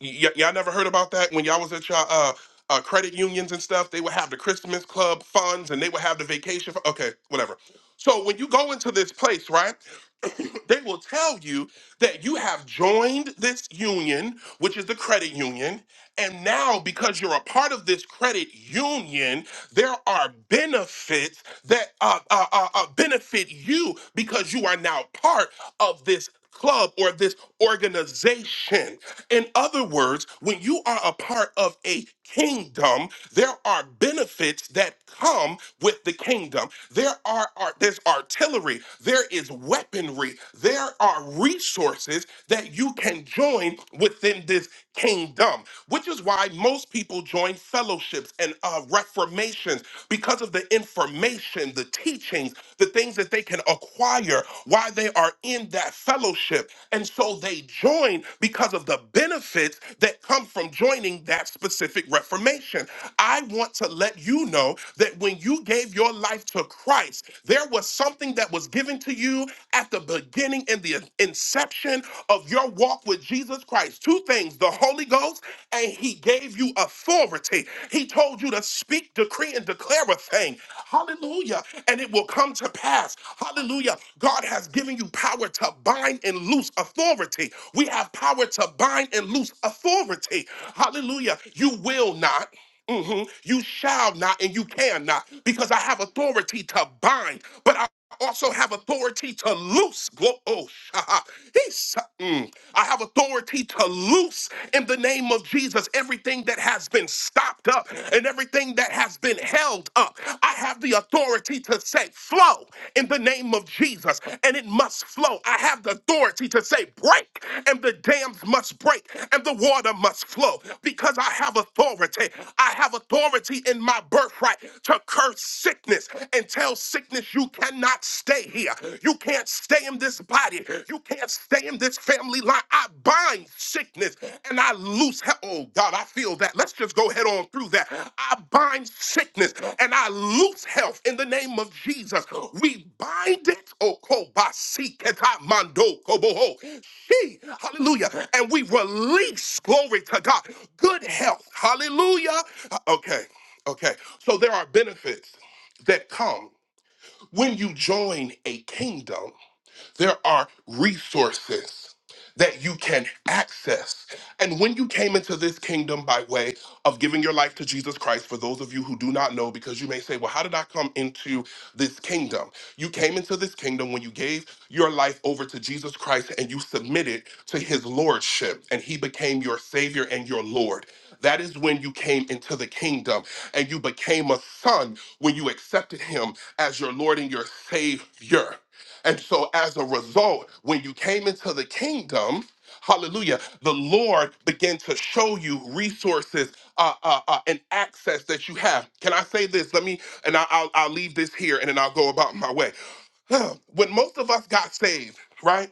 Y- y- y'all never heard about that when y'all was at y'all uh, uh, credit unions and stuff? They would have the Christmas club funds and they would have the vacation. fu- okay, whatever. So when you go into this place, right? they will tell you that you have joined this union, which is the credit union, and now because you're a part of this credit union, there are benefits that uh, uh, uh, uh, benefit you because you are now part of this club or this organization. In other words, when you are a part of a kingdom, there are benefits that come with the kingdom. There are art, there's artillery, there is weaponry, there are resources that you can join within this kingdom, which is why most people join fellowships and uh, reformations because of the information, the teaching teachings, the things that they can acquire while they are in that fellowship. And so they join because of the benefits that come from joining that specific reformation. I want to let you know that when you gave your life to Christ, there was something that was given to you at the beginning and the inception of of your walk with Jesus Christ. Two things the Holy Ghost, and He gave you authority. He told you to speak, decree, and declare a thing. Hallelujah. And it will come to pass. Hallelujah. God has given you power to bind and loose authority. We have power to bind and loose authority. Hallelujah. You will not hmm You shall not and you cannot because I have authority to bind, but I also have authority to loose. Glo- Oh, shaha. He's- mm. I have authority to loose in the name of Jesus everything that has been stopped up and everything that has been held up. I have the authority to say flow in the name of Jesus and it must flow. I have the authority to say, break, and the dams must break, and the water must flow because I have authority. I have authority in my birthright to curse sickness and tell sickness, you cannot stay here. You can't stay in this body. You can't stay in this family line. I bind sickness and not loose. he- Oh God, I feel that. Let's just go head on through that. I bind sickness and I loose health in the name of Jesus. We bind it. Oh, kobasi keta mando koboho. She, hallelujah. And we release glory to God. Good health. Hallelujah. Uh, Okay. Okay. So there are benefits that come when you join a kingdom there are resources that you can access. And when you came into this kingdom by way of giving your life to Jesus Christ, for those of you who do not know, because you may say, well, how did I come into this kingdom? You came into this kingdom when you gave your life over to Jesus Christ and you submitted to his lordship, and he became your savior and your lord. That is when you came into the kingdom and you became a son when you accepted him as your Lord and your Savior. And so, as a result, when you came into the kingdom, hallelujah, the Lord began to show you resources uh, uh, uh, and access that you have. Can I say this? Let me, and I, I'll, I'll leave this here and then I'll go about my way. When most of us got saved, right?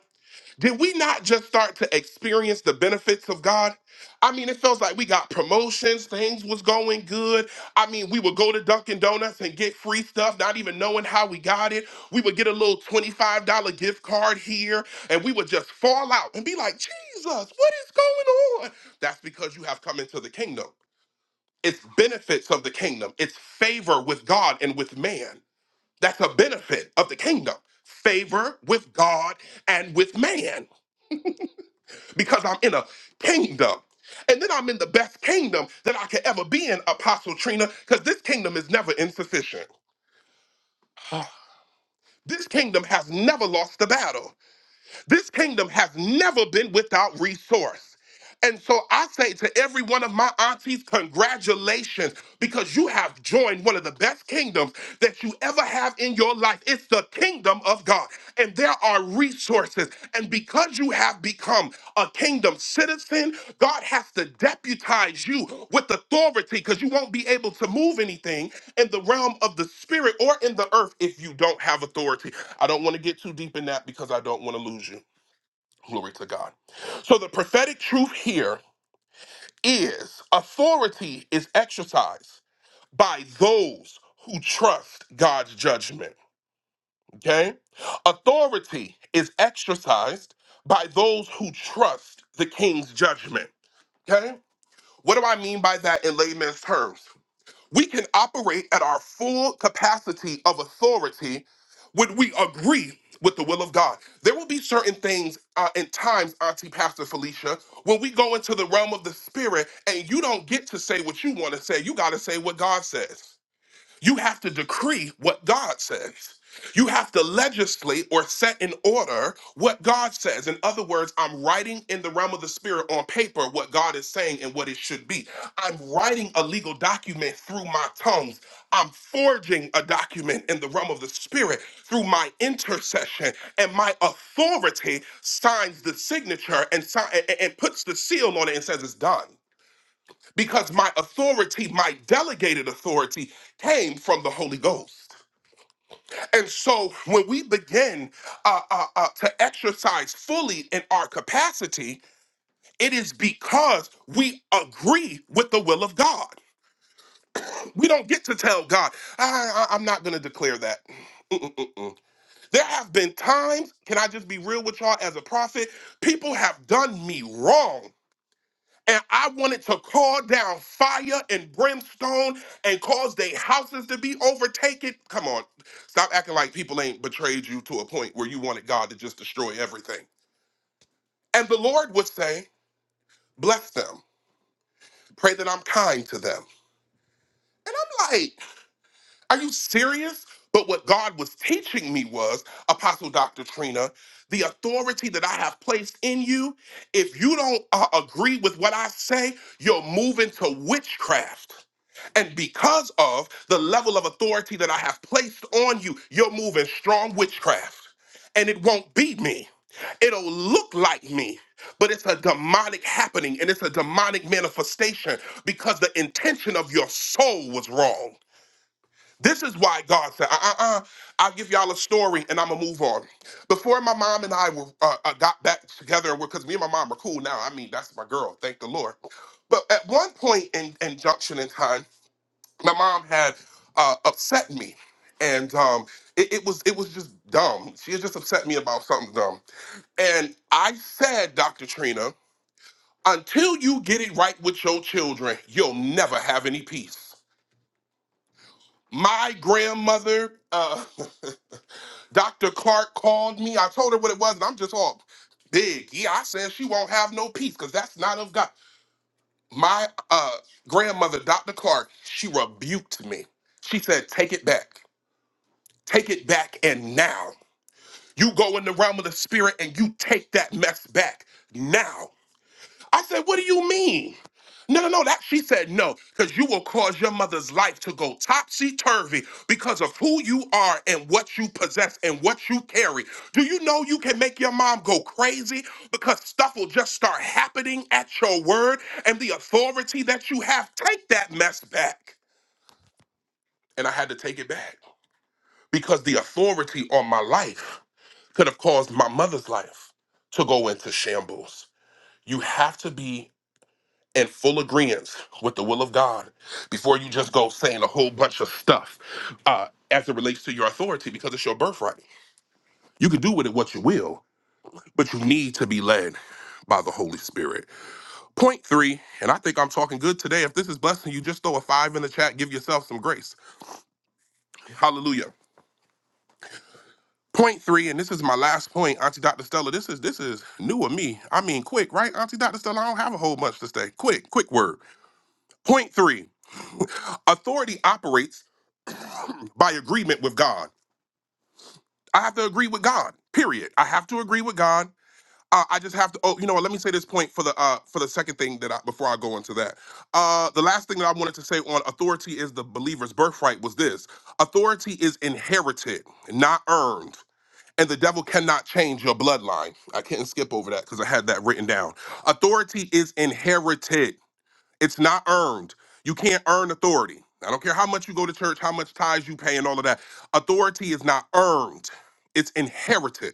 did we not just start to experience the benefits of God? I mean, it feels like we got promotions, things was going good. I mean, we would go to Dunkin' Donuts and get free stuff, not even knowing how we got it. We would get a little $25 gift card here, and we would just fall out and be like, Jesus, what is going on? That's because you have come into the kingdom. It's benefits of the kingdom, it's favor with God and with man. That's a benefit of the kingdom. Favor with God and with man because I'm in a kingdom. And then I'm in the best kingdom that I could ever be in, Apostle Trina, because this kingdom is never insufficient. This kingdom has never lost the battle. This kingdom has never been without resource. And so I say to every one of my aunties, congratulations, because you have joined one of the best kingdoms that you ever have in your life. It's the kingdom of God. And there are resources. And because you have become a kingdom citizen, God has to deputize you with authority because you won't be able to move anything in the realm of the spirit or in the earth if you don't have authority. I don't want to get too deep in that because I don't want to lose you. Glory to God. So the prophetic truth here is authority is exercised by those who trust God's judgment. Okay? Authority is exercised by those who trust the king's judgment. Okay? What do I mean by that in layman's terms? We can operate at our full capacity of authority when we agree with the will of God. There will be certain things uh, and times, Auntie Pastor Felicia, when we go into the realm of the spirit and you don't get to say what you want to say, you got to say what God says. You have to decree what God says. You have to legislate or set in order what God says. In other words, I'm writing in the realm of the spirit on paper what God is saying and what it should be. I'm writing a legal document through my tongues. I'm forging a document in the realm of the spirit through my intercession, and my authority signs the signature and, si- and and puts the seal on it and says it's done because my authority, my delegated authority, came from the Holy Ghost. And so when we begin uh, uh, uh, to exercise fully in our capacity, it is because we agree with the will of God. We don't get to tell God, I, I, am not going to declare that. Mm-mm. There have been times, can I just be real with y'all as a prophet? People have done me wrong And I wanted to call down fire and brimstone and cause their houses to be overtaken. Come on, stop acting like people ain't betrayed you to a point where you wanted God to just destroy everything. And the Lord would say, Bless them. Pray that I'm kind to them. And I'm like, Are you serious? But what God was teaching me was, Apostle Dr. Trina, the authority that I have placed in you, if you don't uh, agree with what I say, you're moving to witchcraft. And because of the level of authority that I have placed on you, you're moving strong witchcraft. And it won't be me. It'll look like me, but it's a demonic happening and it's a demonic manifestation because the intention of your soul was wrong. This is why God said, uh uh uh, I'll give y'all a story and I'm gonna move on. Before my mom and I were uh, uh, got back together, because me and my mom are cool now. I mean, that's my girl, thank the Lord. But at one point in, in Junction in time, my mom had uh, upset me, and um, it, it was it was just dumb. She had just upset me about something dumb, and I said, Dr. Trina, until you get it right with your children, you'll never have any peace. My grandmother, uh, Dr. Clark, called me. I told her what it was, and I'm just all big. Yeah, I said she won't have no peace because that's not of God. My uh, grandmother, Dr. Clark, she rebuked me. She said, "Take it back." take it back and now. You go in the realm of the spirit and you take that mess back now. I said, What do you mean? No, no, no. That she said no, because you will cause your mother's life to go topsy turvy because of who you are and what you possess and what you carry. Do you know you can make your mom go crazy because stuff will just start happening at your word and the authority that you have? Take that mess back. And I had to take it back because the authority on my life could have caused my mother's life to go into shambles. You have to be in full agreement with the will of God before you just go saying a whole bunch of stuff uh, as it relates to your authority because it's your birthright. You can do with it what you will, but you need to be led by the Holy Spirit. Point three, and I think I'm talking good today. If this is blessing you, just throw a five in the chat, give yourself some grace. Hallelujah. Point three, and this is my last point, Auntie Dr. Stella. This is this is new of me. I mean, quick, right, Auntie Dr. Stella? I don't have a whole much to say. Quick, quick word. Point three: authority operates by agreement with God. I have to agree with God. Period. I have to agree with God. Uh, I just have to. Oh, you know what? Let me say this point for the uh for the second thing that I before I go into that. Uh, the last thing that I wanted to say on authority is the believer's birthright was this: authority is inherited, not earned. and the devil cannot change your bloodline. I can't skip over that because I had that written down. Authority is inherited, it's not earned. You can't earn authority. I don't care how much you go to church, how much tithes you pay, and all of that. Authority is not earned, it's inherited.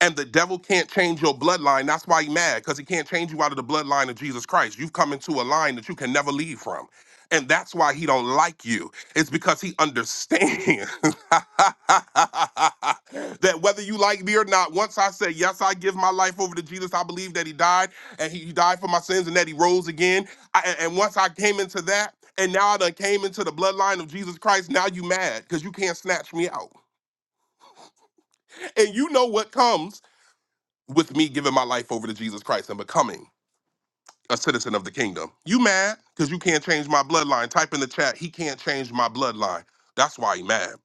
And the devil can't change your bloodline. That's why he's mad, because he can't change you out of the bloodline of Jesus Christ. You've come into a line that you can never leave from. And that's why he don't like you. It's because he understands that whether you like me or not, once I say, yes, I give my life over to Jesus, I believe that he died and he he died for my sins and that he rose again. I, and and once I came into that, and now I done came into the bloodline of Jesus Christ, now you mad because you can't snatch me out. And you know what comes with me giving my life over to Jesus Christ and becoming a citizen of the kingdom. You mad because you can't change my bloodline. Type in the chat, he can't change my bloodline. That's why he mad.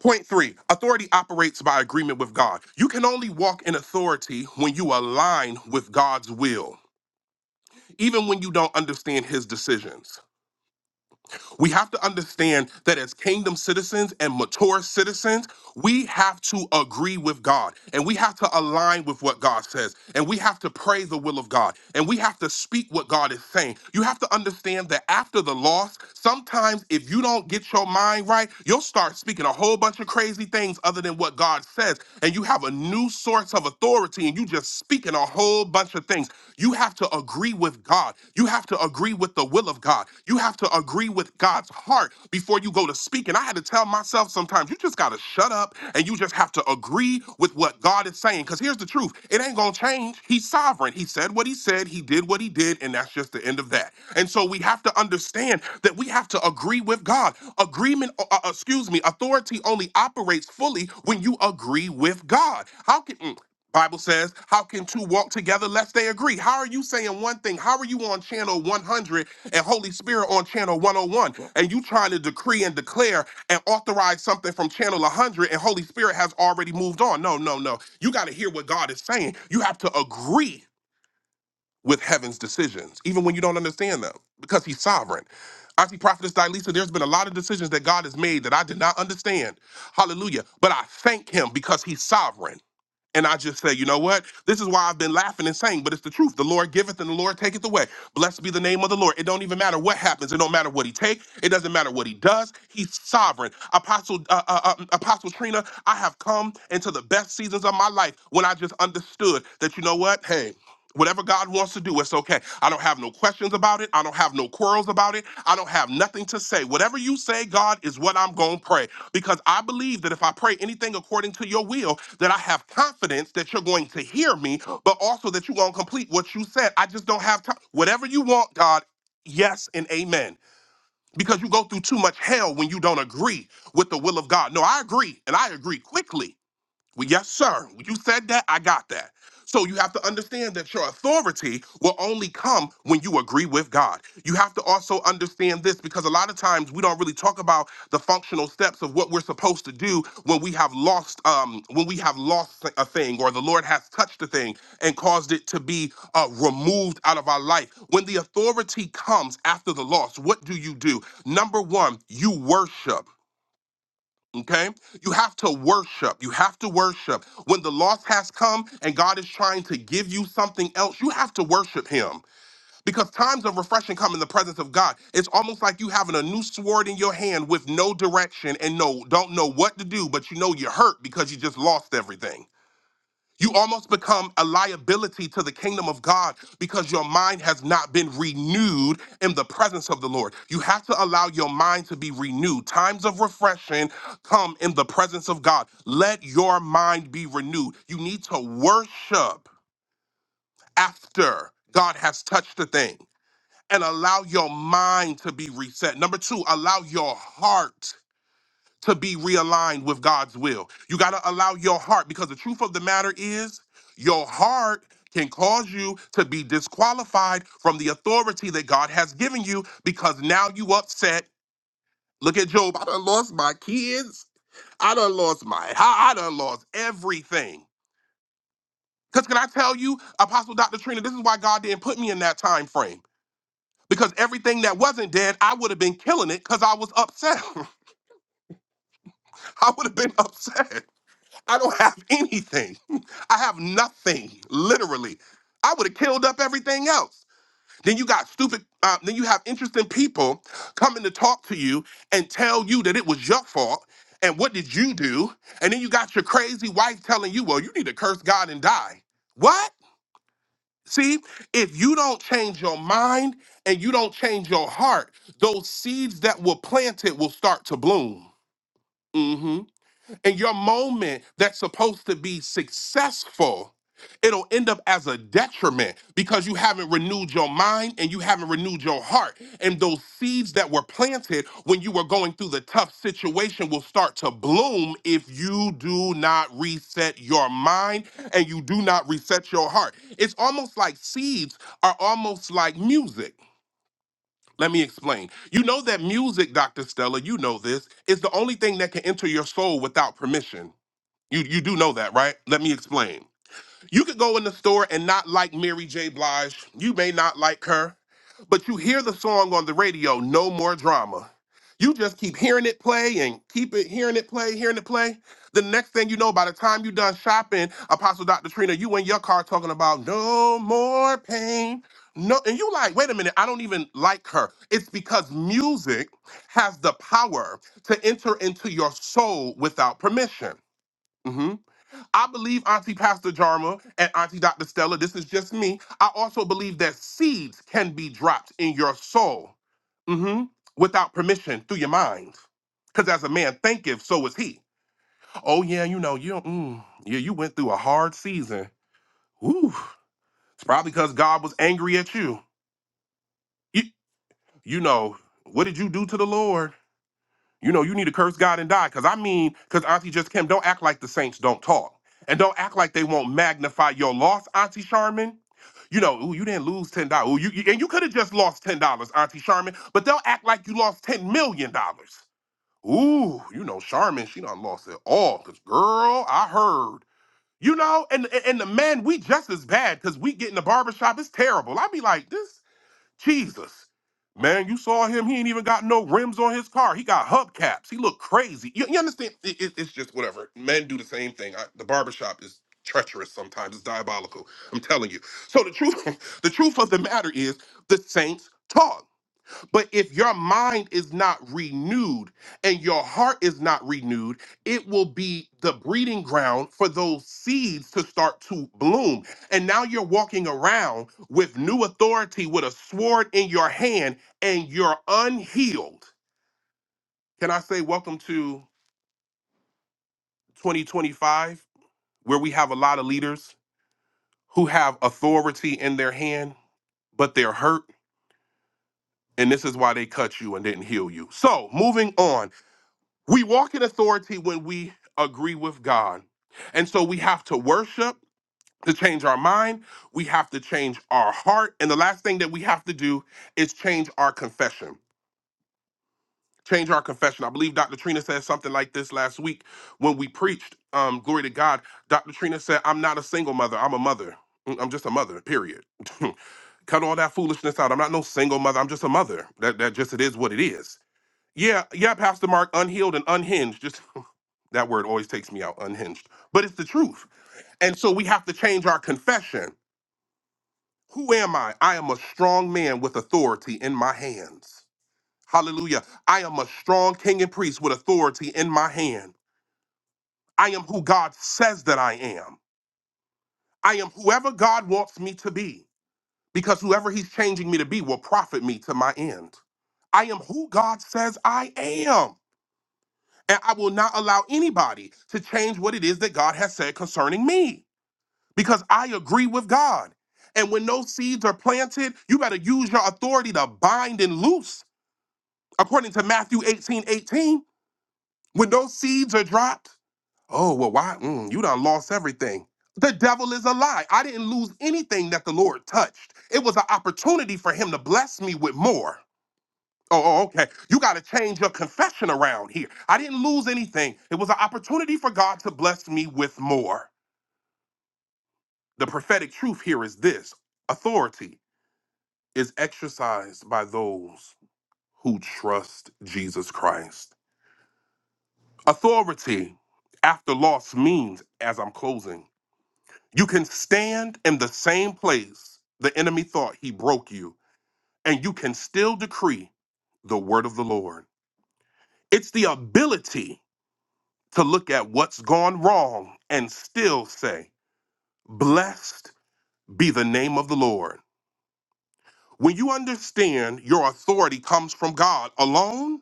Point three, authority operates by agreement with God. You can only walk in authority when you align with God's will, even when you don't understand his decisions. We have to understand that as kingdom citizens and mature citizens, we have to agree with God and we have to align with what God says and we have to pray the will of God and we have to speak what God is saying. You have to understand that after the loss, sometimes if you don't get your mind right, you'll start speaking a whole bunch of crazy things other than what God says and you have a new source of authority and you just speaking a whole bunch of things. You have to agree agree with God. You have to agree with the will of God. You have to agree with God's heart before you go to speak. And I had to tell myself sometimes, you just got to shut up and you just have to agree with what God is saying. Because here's the truth it ain't going to change. He's sovereign. He said what he said, he did what he did, and that's just the end of that. And so we have to understand that we have to agree with God. Agreement, uh, uh, excuse me, authority only operates fully when you agree with God. How can. mm, Bible says, how can two walk together lest they agree? How are you saying one thing? How are you on channel 100 and Holy Spirit on channel 101? And you trying to decree and declare and authorize something from channel 100 and Holy Spirit has already moved on. No, no, no. You got to hear what God is saying. You have to agree with heaven's decisions, even when you don't understand them, because he's sovereign. Auntie Prophetess Dilisa, there's been a lot of decisions that God has made that I did not understand. Hallelujah. But I thank him because he's sovereign. And I just say, you know what? This is why I've been laughing and saying, but it's the truth. The Lord giveth and the Lord taketh away. Blessed be the name of the Lord. It don't even matter what happens. It don't matter what he takes. It doesn't matter what he does. He's sovereign. Apostle uh, uh, uh, mm, Apostle Trina, I have come into the best seasons of my life when I just understood that you know what? Hey. Whatever God wants to do, it's okay. I don't have no questions about it. I don't have no quarrels about it. I don't have nothing to say. Whatever you say, God, is what I'm going to pray because I believe that if I pray anything according to your will, that I have confidence that you're going to hear me, but also that you're going to complete what you said. I just don't have time. Whatever you want, God, yes and amen. Because you go through too much hell when you don't agree with the will of God. No, I agree, and I agree quickly. Well, Yes, sir. When You said that. I got that. So you have to understand that your authority will only come when you agree with God. You have to also understand this because a lot of times we don't really talk about the functional steps of what we're supposed to do when we have lost um when we have lost a thing or the Lord has touched a thing and caused it to be uh, removed out of our life. When the authority comes after the loss, what do you do? Number 1, you worship. Okay? You have to worship. You have to worship. When the loss has come and God is trying to give you something else, you have to worship Him because times of refreshing come in the presence of God. It's almost like you having a new sword in your hand with no direction and no don't know what to do, but you know you're hurt because you just lost everything. You almost become a liability to the kingdom of God because your mind has not been renewed in the presence of the Lord. You have to allow your mind to be renewed. Times of refreshing come in the presence of God. Let your mind be renewed. You need to worship after God has touched the thing and allow your mind to be reset. Number two, allow your heart to be realigned with God's will. You got to allow your heart because the truth of the matter is your heart can cause you to be disqualified from the authority that God has given you because now you upset. Look at Job. I done lost my kids. I done lost my house. I done lost everything. Because can I tell you, Apostle Dr. Trina, this is why God didn't put me in that time frame. Because everything that wasn't dead, I would have been killing it because I was upset. I would have been upset. I don't have anything. I have nothing, literally. I would have killed up everything else. Then you got stupid, uh, then you have interesting people coming to talk to you and tell you that it was your fault. And what did you do? And then you got your crazy wife telling you, well, you need to curse God and die. What? See, if you don't change your mind and you don't change your heart, those seeds that were planted will start to bloom. Mm-hmm. And your moment that's supposed to be successful, it'll end up as a detriment because you haven't renewed your mind and you haven't renewed your heart. And those seeds that were planted when you were going through the tough situation will start to bloom if you do not reset your mind and you do not reset your heart. It's almost like seeds are almost like music. Let me explain. You know that music, Dr. Stella, you know this, is the only thing that can enter your soul without permission. You you do know that, right? Let me explain. You could go in the store and not like Mary J. Blige. You may not like her, but you hear the song on the radio, No More Drama. You just keep hearing it play and keep it hearing it play, hearing it play. The next thing you know, by the time you done shopping, Apostle Dr. Trina, you in your car talking about no more pain. No, and you like, wait a minute, I don't even like her. It's because music has the power to enter into your soul without permission. Mm-hmm. I believe Auntie Pastor Jarma and Auntie Dr. Stella, this is just me. I also believe that seeds can be dropped in your soul hmm without permission through your mind. Because as a man thinketh, so is he. Oh, yeah, you know, you, mm, yeah, you went through a hard season. Woo. It's probably because God was angry at you. you. You know, what did you do to the Lord? You know, you need to curse God and die. Cause I mean, cause Auntie just Kim, don't act like the saints don't talk. And don't act like they won't magnify your loss, Auntie Charmin. You know, ooh, you didn't lose ten dollars. Ooh, you, you- and you could have just lost ten dollars, Auntie Charmin. But they'll act like you lost ten million dollars. Ooh, you know, Charmin, she done lost it all. Cause girl, I heard. You know, and and and the man, we just as bad because we get in the barbershop. It's terrible. i be like, this. Jesus. Man, you saw him. He ain't even got no rims on his car. He got hubcaps. He looked crazy. You, you understand? It- it- it's just whatever. Men do the same thing. I, the barbershop is treacherous sometimes. It's diabolical. I'm telling you. So the truth, the truth of the matter is, the Saints taught. But if your mind is not renewed and your heart is not renewed, it will be the breeding ground for those seeds to start to bloom. And now you're walking around with new authority with a sword in your hand and you're unhealed. Can I say, welcome to 2025, where we have a lot of leaders who have authority in their hand, but they're hurt. And this is why they cut you and didn't heal you. So, moving on. We walk in authority when we agree with God. And so we have to worship to change our mind. We have to change our heart. And the last thing that we have to do is change our confession. Change our confession. I believe Dr. Trina said something like this last week when we preached. Um, glory to God. Dr. Trina said, I'm not a single mother, I'm a mother. Mm, I'm just a mother, period. Cut all that foolishness out. I'm not no single mother. I'm just a mother. That, that just it is what it is. Yeah, yeah, Pastor Mark, unhealed and unhinged. Just that word always takes me out, unhinged. But it's the truth. And so we have to change our confession. Who am I? I am a strong man with authority in my hands. Hallelujah. I am a strong king and priest with authority in my hand. I am who God says that I am. I am whoever God wants me to be, because whoever He's changing me to be will profit me to my end. I am who God says I am. And I will not allow anybody to change what it is that God has said concerning me because I agree with God. And when those seeds are planted, you better use your authority to bind and loose. According to Matthew 18 18. when those seeds are dropped, oh, well, why? Mm, you done lost everything. The devil is a lie. I didn't lose anything that the Lord touched. It was an opportunity for him to bless me with more. Oh, oh, okay. You got to change your confession around here. I didn't lose anything. It was an opportunity for God to bless me with more. The prophetic truth here is this authority is exercised by those who trust Jesus Christ. Authority after loss means, as I'm closing, you can stand in the same place the enemy thought he broke you, and you can still decree the word of the Lord. It's the ability to look at what's gone wrong and still say, Blessed be the name of the Lord. When you understand your authority comes from God alone,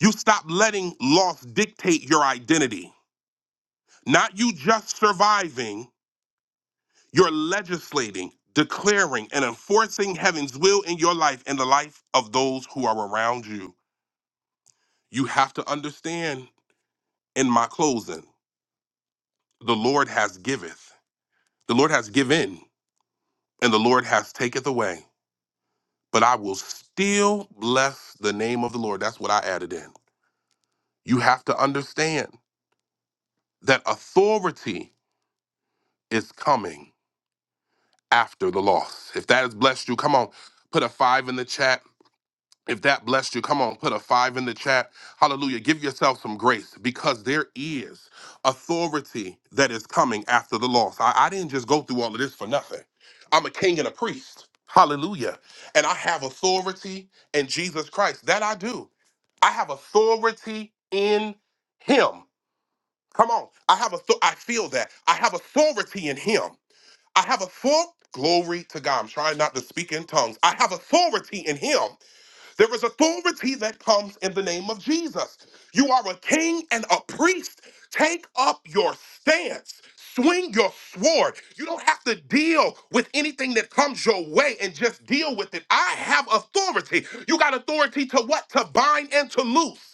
you stop letting loss dictate your identity. Not you just surviving, you're legislating, declaring, and enforcing heaven's will in your life and the life of those who are around you. You have to understand in my closing, the Lord has giveth, the Lord has given, and the Lord has taketh away. but I will still bless the name of the Lord. That's what I added in. You have to understand that authority is coming after the loss. If that has blessed you, come on, put a five in the chat If that blessed you, come on, put a five in the chat. Hallelujah. Give yourself some grace because there is authority that is coming after the loss. I, I didn't just go through all of this for nothing. I'm a king and a priest. Hallelujah. And I have authority in Jesus Christ. That I do. I have authority in him. Come on. I have author- I feel that. I have authority in him. I have a full glory to God. I'm trying not to speak in tongues. I have authority in him. There is authority that comes in the name of Jesus. You are a king and a priest. Take up your stance. Swing your sword. You don't have to deal with anything that comes your way and just deal with it. I have authority. You got authority to what? To bind and to loose.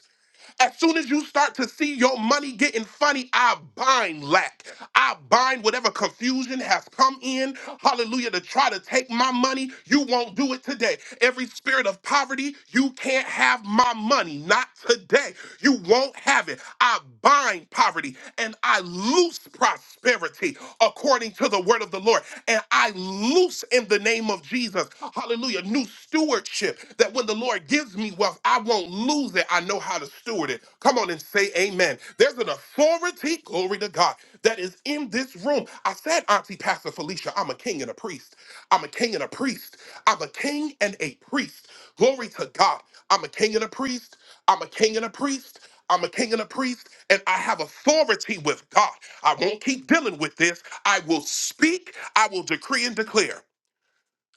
As soon as you start to see your money getting funny, I bind lack. I bind whatever confusion has come in, hallelujah, to try to take my money. You won't do it today. Every spirit of poverty, you can't have my money. Not today. You won't have it. I bind poverty and I loose prosperity according to the word of the Lord. And I loose in the name of Jesus, hallelujah, new stewardship that when the Lord gives me wealth, I won't lose it. I know how to steward it. Come on and say amen. There's an authority, glory to God, that is in this room. I said, Auntie Pastor Felicia, I'm a king and a priest. I'm a king and a priest. I'm a king and a priest. Glory to God. I'm a king and a priest. I'm a king and a priest. I'm a king and a priest, and I have authority with God. I won't keep dealing with this. I will speak, I will decree and declare.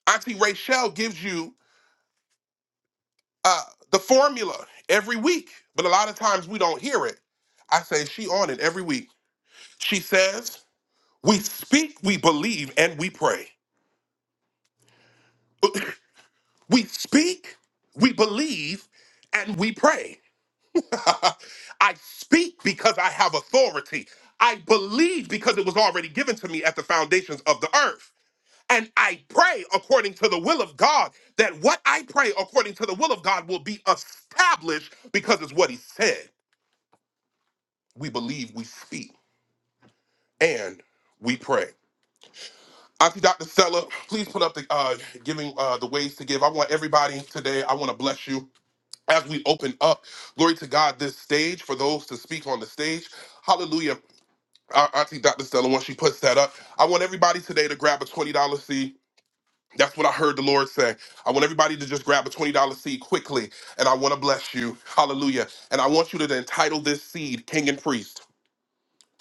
Auntie Rachel gives you uh, the formula every week, but a lot of times we don't hear it. I say she on it every week. She says, "We speak, we believe, and we pray. We speak, we believe, and we pray. I speak because I have authority. I believe because it was already given to me at the foundations of the earth." And I pray according to the will of God that what I pray according to the will of God will be established because it's what He said. We believe, we speak. and we pray. Auntie Dr. Stella, please put up the uh, giving uh, the ways to give. I want everybody today. I want to bless you as we open up. Glory to God, this stage for those to speak on the stage. Hallelujah. Our Auntie Dr. Stella, once she puts that up, I want everybody today to grab a twenty dollar seed. That's what I heard the Lord say. I want everybody to just grab a $20 seed quickly, and I want to bless you. Hallelujah. And I want you to entitle this seed King and Priest.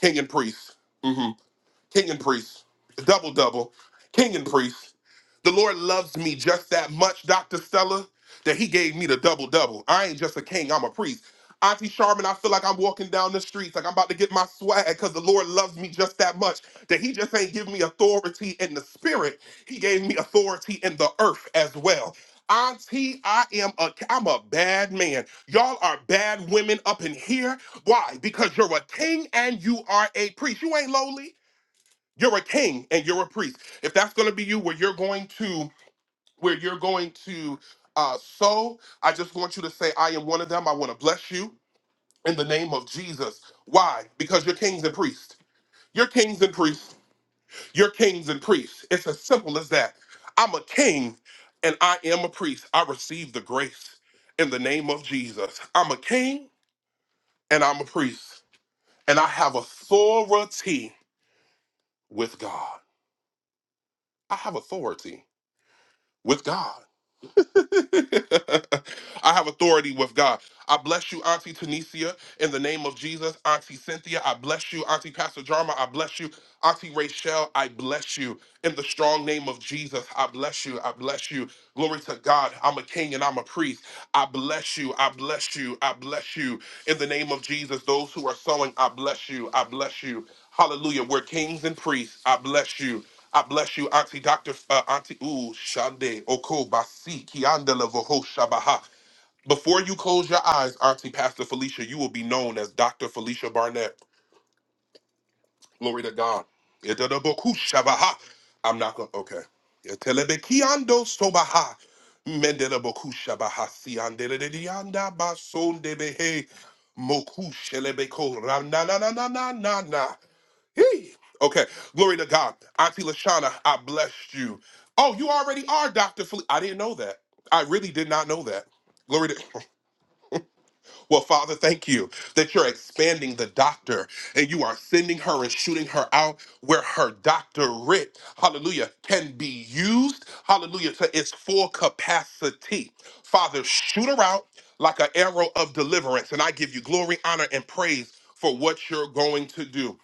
King and Priest. Mm-hmm. King and priest, double double, king and priest. The Lord loves me just that much, Dr. Stella, that he gave me the double double. I ain't just a king, I'm a priest. Auntie Charmin, I feel like I'm walking down the streets, like I'm about to get my swag, because the Lord loves me just that much, that he just ain't give me authority in the spirit. He gave me authority in the earth as well. Auntie, I am a I'm a bad man. Y'all are bad women up in here. Why? Because you're a king and you are a priest. You ain't lowly. You're a king and you're a priest. If that's going to be you, where you're going to, where you're going to uh, sow, I just want you to say, "I am one of them." I want to bless you in the name of Jesus. Why? Because you're kings and priests. You're kings and priests. You're kings and priests. It's as simple as that. I'm a king and I am a priest. I receive the grace in the name of Jesus. I'm a king and I'm a priest, and I have authority with God. I have authority with God. I have authority with God. I bless you, Auntie Tunisia, in the name of Jesus. Auntie Cynthia, I bless you. Auntie Pastor Jarma, I bless you. Auntie Rachel, I bless you. In the strong name of Jesus, I bless you. I bless you. Glory to God. I'm a king and I'm a priest. I bless you. I bless you. I bless you. In the name of Jesus, those who are sowing, I bless you. I bless you. Hallelujah. We're kings and priests. I bless you. I bless you, Auntie Doctor, uh, Auntie Ooh Shande Oko Basi Kiandela Voho Shabaha. Before you close your eyes, Auntie Pastor Felicia, you will be known as Doctor Felicia Barnett. Glory to God. Itadabokushabaha. I'm not going to, okay. Itelebekiando sobaha. Mendelebekushabaha. Siandeledianda basondebehe. Mokushelebeko. Ranananananana. Hey. Okay, glory to God. Auntie Lashana, I blessed you. Oh, you already are Dr. Felicia. I didn't know that. I really did not know that. Glory to Well, Father, thank you that you're expanding the doctor and you are sending her and shooting her out where her doctorate, hallelujah, can be used, hallelujah, to its full capacity. Father, shoot her out like an arrow of deliverance. And I give you glory, honor, and praise for what you're going to do.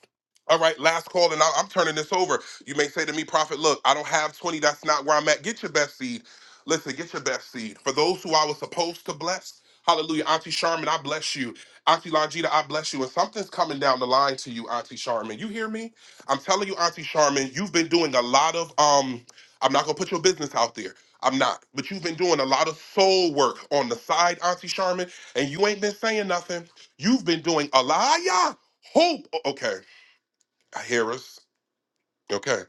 All right, last call, and I- I'm turning this over. You may say to me, Prophet, look, I don't have 20. That's not where I'm at. Get your best seed. Listen, get your best seed. For those who I was supposed to bless, hallelujah. Auntie Charmin, I bless you. Auntie Longita, I bless you. And something's coming down the line to you, Auntie Charmin. You hear me? I'm telling you, Auntie Charmin, you've been doing a lot of, um, I'm not going to put your business out there. I'm not. But you've been doing a lot of soul work on the side, Auntie Charmin, and you ain't been saying nothing. You've been doing a lot. Yeah hope. Okay, I hear us. Okay.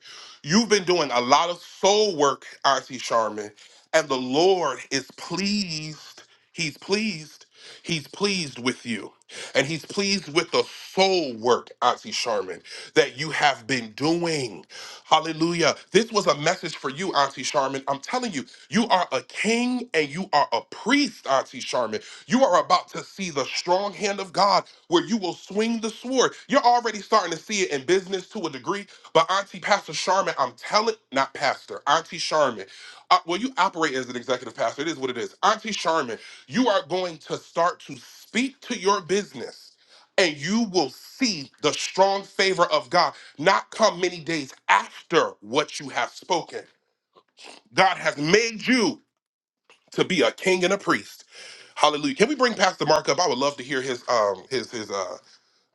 You've been doing a lot of soul work, RC Sharman, and the Lord is pleased. He's pleased He's pleased with you. And he's pleased with the soul work, Auntie Charmin, that you have been doing. Hallelujah. This was a message for you, Auntie Charmin. I'm telling you, you are a king and you are a priest, Auntie Charmin. You are about to see the strong hand of God where you will swing the sword. You're already starting to see it in business to a degree, but Auntie Pastor Charmin, I'm telling, not Pastor, Auntie Charmin. Uh, well, you operate as an executive pastor. It is what it is. Auntie Charmin, you are going to start to speak to your business and you will see the strong favor of God not come many days after what you have spoken. God has made you to be a king and a priest. Hallelujah. Can we bring Pastor Mark up? I would love to hear his um his his uh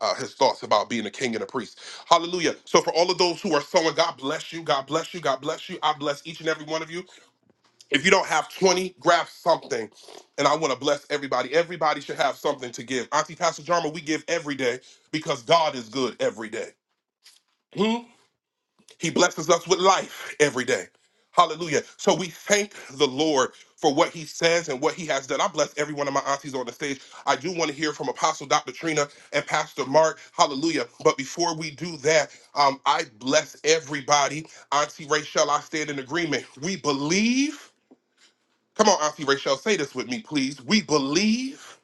uh, his thoughts about being a king and a priest. Hallelujah. So, for all of those who are sowing, God bless you. God bless you. God bless you. I bless each and every one of you. If you don't have 20, grab something. And I want to bless everybody. Everybody should have something to give. Auntie Pastor Jarma, we give every day because God is good every day. Hmm? He blesses us with life every day. Hallelujah. So we thank the Lord for what he says and what he has done. I bless every one of my aunties on the stage. I do want to hear from Apostle Dr. Trina and Pastor Mark. Hallelujah. But before we do that, um, I bless everybody. Auntie Rachel, I stand in agreement. We believe Come on, Auntie Rachel, say this with me, please. We believe,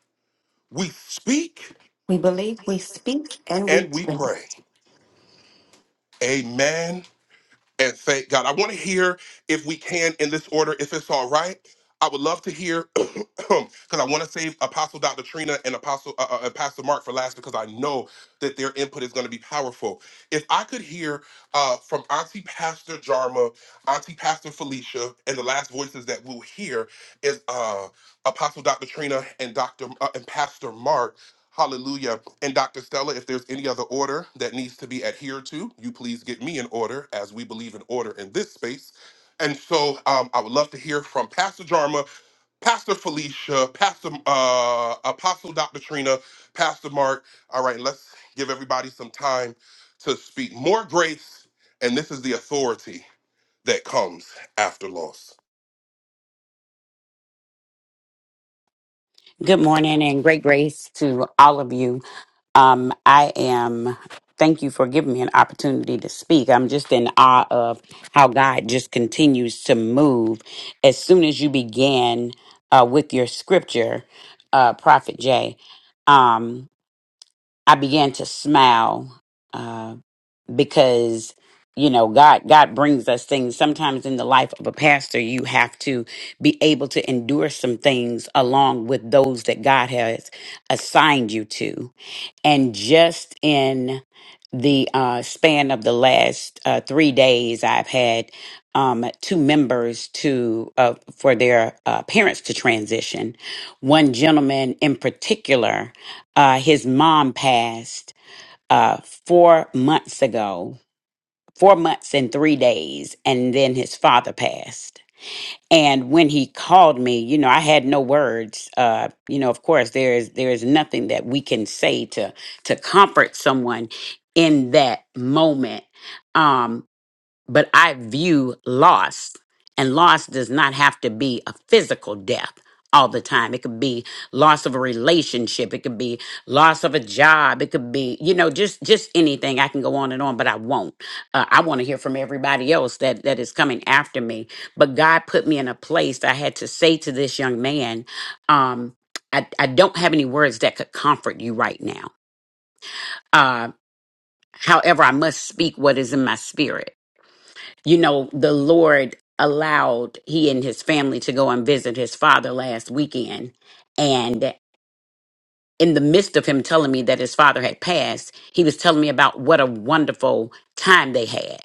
we speak,
We believe, we speak, and we
and we
think.
pray. Amen. and thank God. I want to hear if we can in this order, if it's all right. I would love to hear because I want to save Apostle Dr. Trina and Apostle uh, uh, uh, Pastor Mark for last because I know that their input is going to be powerful. If I could hear uh, from Auntie Pastor Jarma, Auntie Pastor Felicia, and the last voices that we'll hear is uh, Apostle Dr. Trina and Dr. uh, and Pastor Mark Hallelujah. And Dr. Stella, if there's any other order that needs to be adhered to, you please get me an order as we believe in order in this space. And so um, I would love to hear from Pastor Jarma, Pastor Felicia, Pastor uh, Apostle Dr. Trina, Pastor Mark. All right, let's give everybody some time to speak. More grace, and this is the authority that comes after loss.
Good morning and great grace to all of you. Um, I am, thank you for giving me an opportunity to speak. I'm just in awe of how God just continues to move. As soon as you began uh, with your scripture, uh, Prophet Jay, um, I began to smile uh, because you know god god brings us things sometimes in the life of a pastor you have to be able to endure some things along with those that god has assigned you to and just in the uh, span of the last uh, three days i've had um, two members to uh, for their uh, parents to transition one gentleman in particular uh, his mom passed uh, four months ago four months and three days, and then his father passed. And when he called me, you know, I had no words. Uh, you know, of course, there is there is nothing that we can say to to comfort someone in that moment. Um, but I view loss, and loss does not have to be a physical death all the time. It could be loss of a relationship, it could be loss of a job, it could be you know just just anything. I can go on and on, but I won't. Uh, I want to hear from everybody else that that is coming after me. But God put me in a place that I had to say to this young man, um, I, I don't have any words that could comfort you right now. Uh, however, I must speak what is in my spirit you know, the Lord allowed he and his family to go and visit his father last weekend. And in the midst of him telling me that his father had passed, he was telling me about what a wonderful time they had.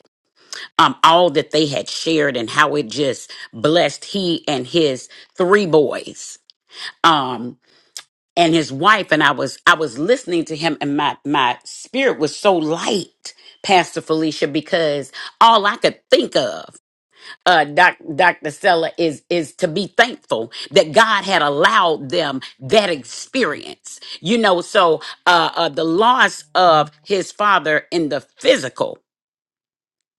Um, all that they had shared and how it just blessed he and his three boys. Um, and his wife and I was I was listening to him and my my spirit was so light, Pastor Felicia, because all I could think of uh, Doc, Dr. Stella is is to be thankful that God had allowed them that experience. You know, so uh, uh, the loss of his father in the physical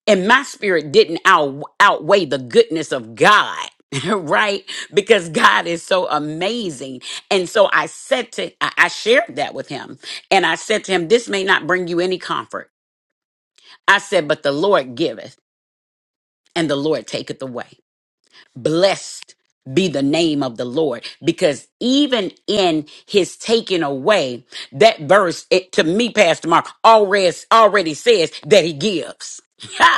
and my spirit didn't out, outweigh the goodness of God. right because god is so amazing and so i said to I I shared that with him and i said to him this may not bring you any comfort i said but the lord giveth and the lord taketh away Blessed be the name of the Lord because even in his taking away, that verse it, to me, Pastor Mark, already, already says that he gives.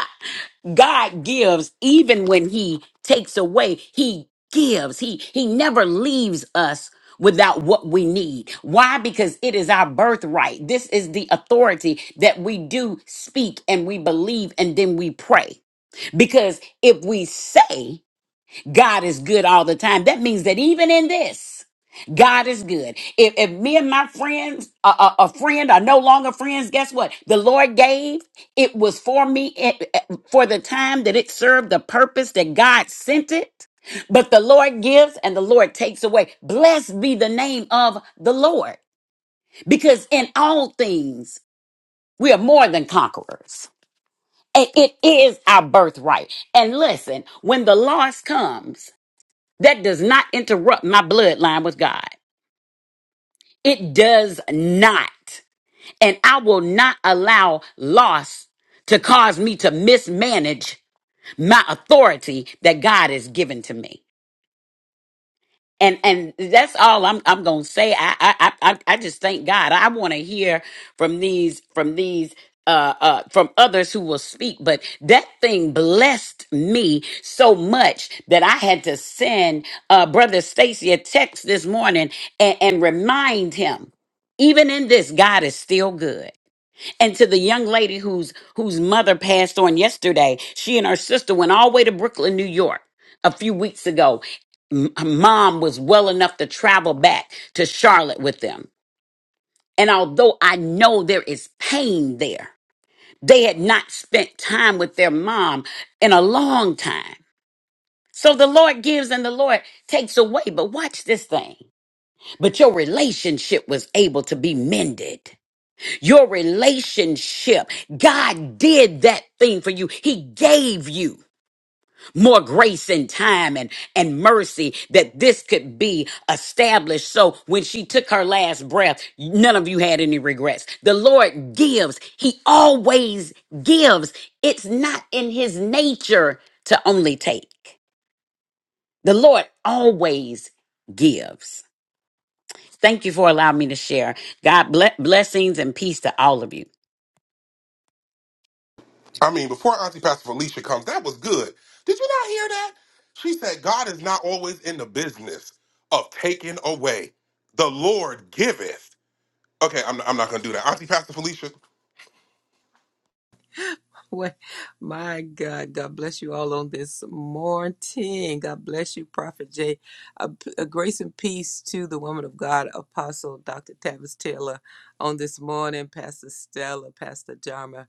God gives even when he takes away. He gives. He he never leaves us without what we need. Why? Because it is our birthright. This is the authority that we do speak and we believe and then we pray. Because if we say God is good all the time. That means that even in this, God is good. If, if me and my friends, a, a, a friend are no longer friends, guess what? The Lord gave. It was for me it- it- for the time that it served the purpose that God sent it. But the Lord gives and the Lord takes away. Blessed be the name of the Lord. Because in all things, we are more than conquerors. And it is our birthright. And listen, when the loss comes, that does not interrupt my bloodline with God. It does not. And I will not allow loss to cause me to mismanage my authority that God has given to me. and and that's all I'm I'm gonna say. I I I, I I just thank God. I want to hear from these from these uh uh from others who will speak. But that thing blessed me so much that I had to send uh brother Stacy a text this morning and, and remind him, even in this, God is still good. And to the young lady whose whose mother passed on yesterday, she and her sister went all the way to Brooklyn, New York, a few weeks ago. M- her mom was well enough to travel back to Charlotte with them. And although I know there is pain there, they had not spent time with their mom in a long time. So the Lord gives and the Lord takes away. But watch this thing. But your relationship was able to be mended your relationship. God did that thing for you. He gave you more grace and time and, and mercy that this could be established. So when she took her last breath, none of you had any regrets. The Lord gives. He always gives. It's not in his nature to only take. The Lord always gives. Thank you for allowing me to share. God bless blessings and peace to all of you.
I mean, before Auntie Pastor Felicia comes, that was good. Did you not hear that? She said, God is not always in the business of taking away. The Lord giveth. Okay, I'm, I'm not going to do that. Auntie Pastor Felicia,
Well, my God, God bless you all on this morning. God bless you, Prophet Jay. A, a grace and peace to the woman of God, Apostle Dr. Tavis Taylor, on this morning, Pastor Stella, Pastor Jarma,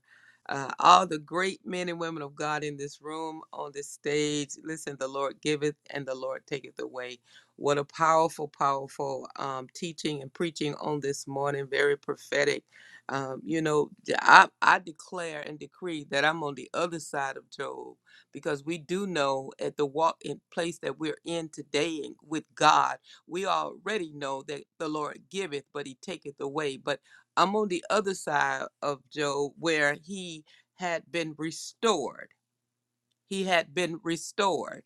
uh, all the great men and women of God in this room, on this stage. Listen, the Lord giveth and the Lord taketh away. What a powerful, powerful um, teaching and preaching on this morning. Very prophetic um, you know, I I declare and decree that I'm on the other side of Job because we do know at the walk in place that we're in today and with God, we already know that the Lord giveth, but he taketh away. But I'm on the other side of Job where he had been restored. He had been restored.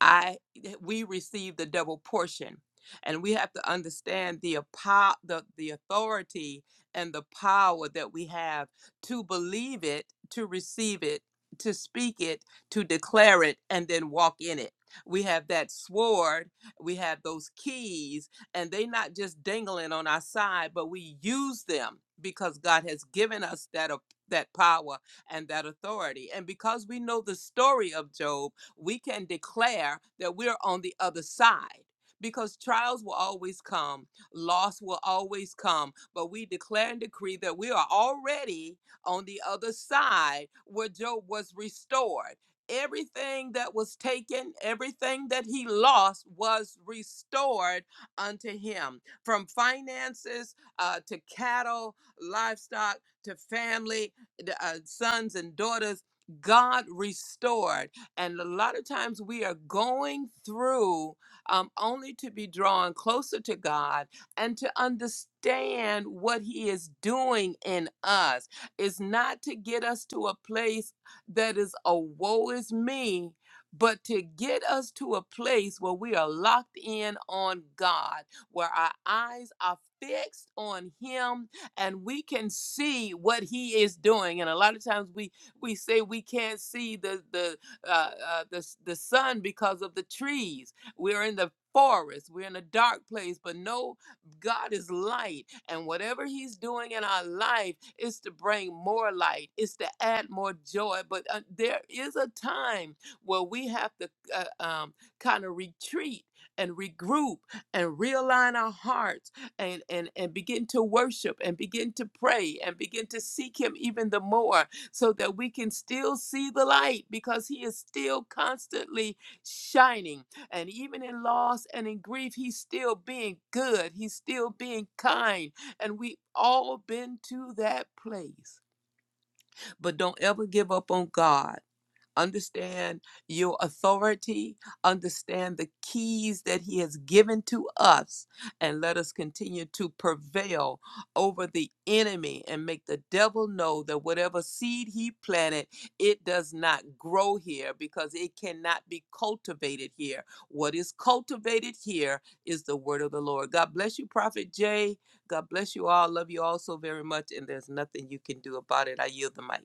I eh, we receive the double portion. And we have to understand the, apo- the the authority and the power that we have to believe it, to receive it, to speak it, to declare it, and then walk in it. We have that sword, we have those keys, and they not just dangling on our side, but we use them because God has given us that au- that power and that authority. And because we know the story of Job, we can declare that we're on the other side. Because trials will always come, loss will always come, but we declare and decree that we are already on the other side where Job was restored. Everything that was taken, everything that he lost was restored unto him from finances uh, to cattle, livestock, to family, d- uh, sons and daughters. God restored. And a lot of times we are going through um, only to be drawn closer to God and to understand what He is doing in us. It's not to get us to a place that is a woe is me. But to get us to a place where we are locked in on God, where our eyes are fixed on Him, and we can see what he is doing and a lot of times we we say we can't see the the uh, uh, the, the sun because of the trees. We're in the forest. We're in a dark place, but no, God is light. And whatever He's doing in our life is to bring more light, is to add more joy. But uh, there is a time where we have to uh, um, kind of retreat and regroup and realign our hearts and, and, and begin to worship and begin to pray and begin to seek Him even the more so that we can still see the light because he is still constantly shining. And even in loss and in grief, he's still being good, he's still being kind. And we have all been to that place. But don't ever give up on God Understand your authority. Understand the keys that He has given to us. And let us continue to prevail over the enemy and make the devil know that whatever seed he planted, it does not grow here because it cannot be cultivated here. What is cultivated here is the word of the Lord. God bless you, Prophet Jay. God bless you all. Love you all so very much. And there's nothing you can do about it. I yield the mic.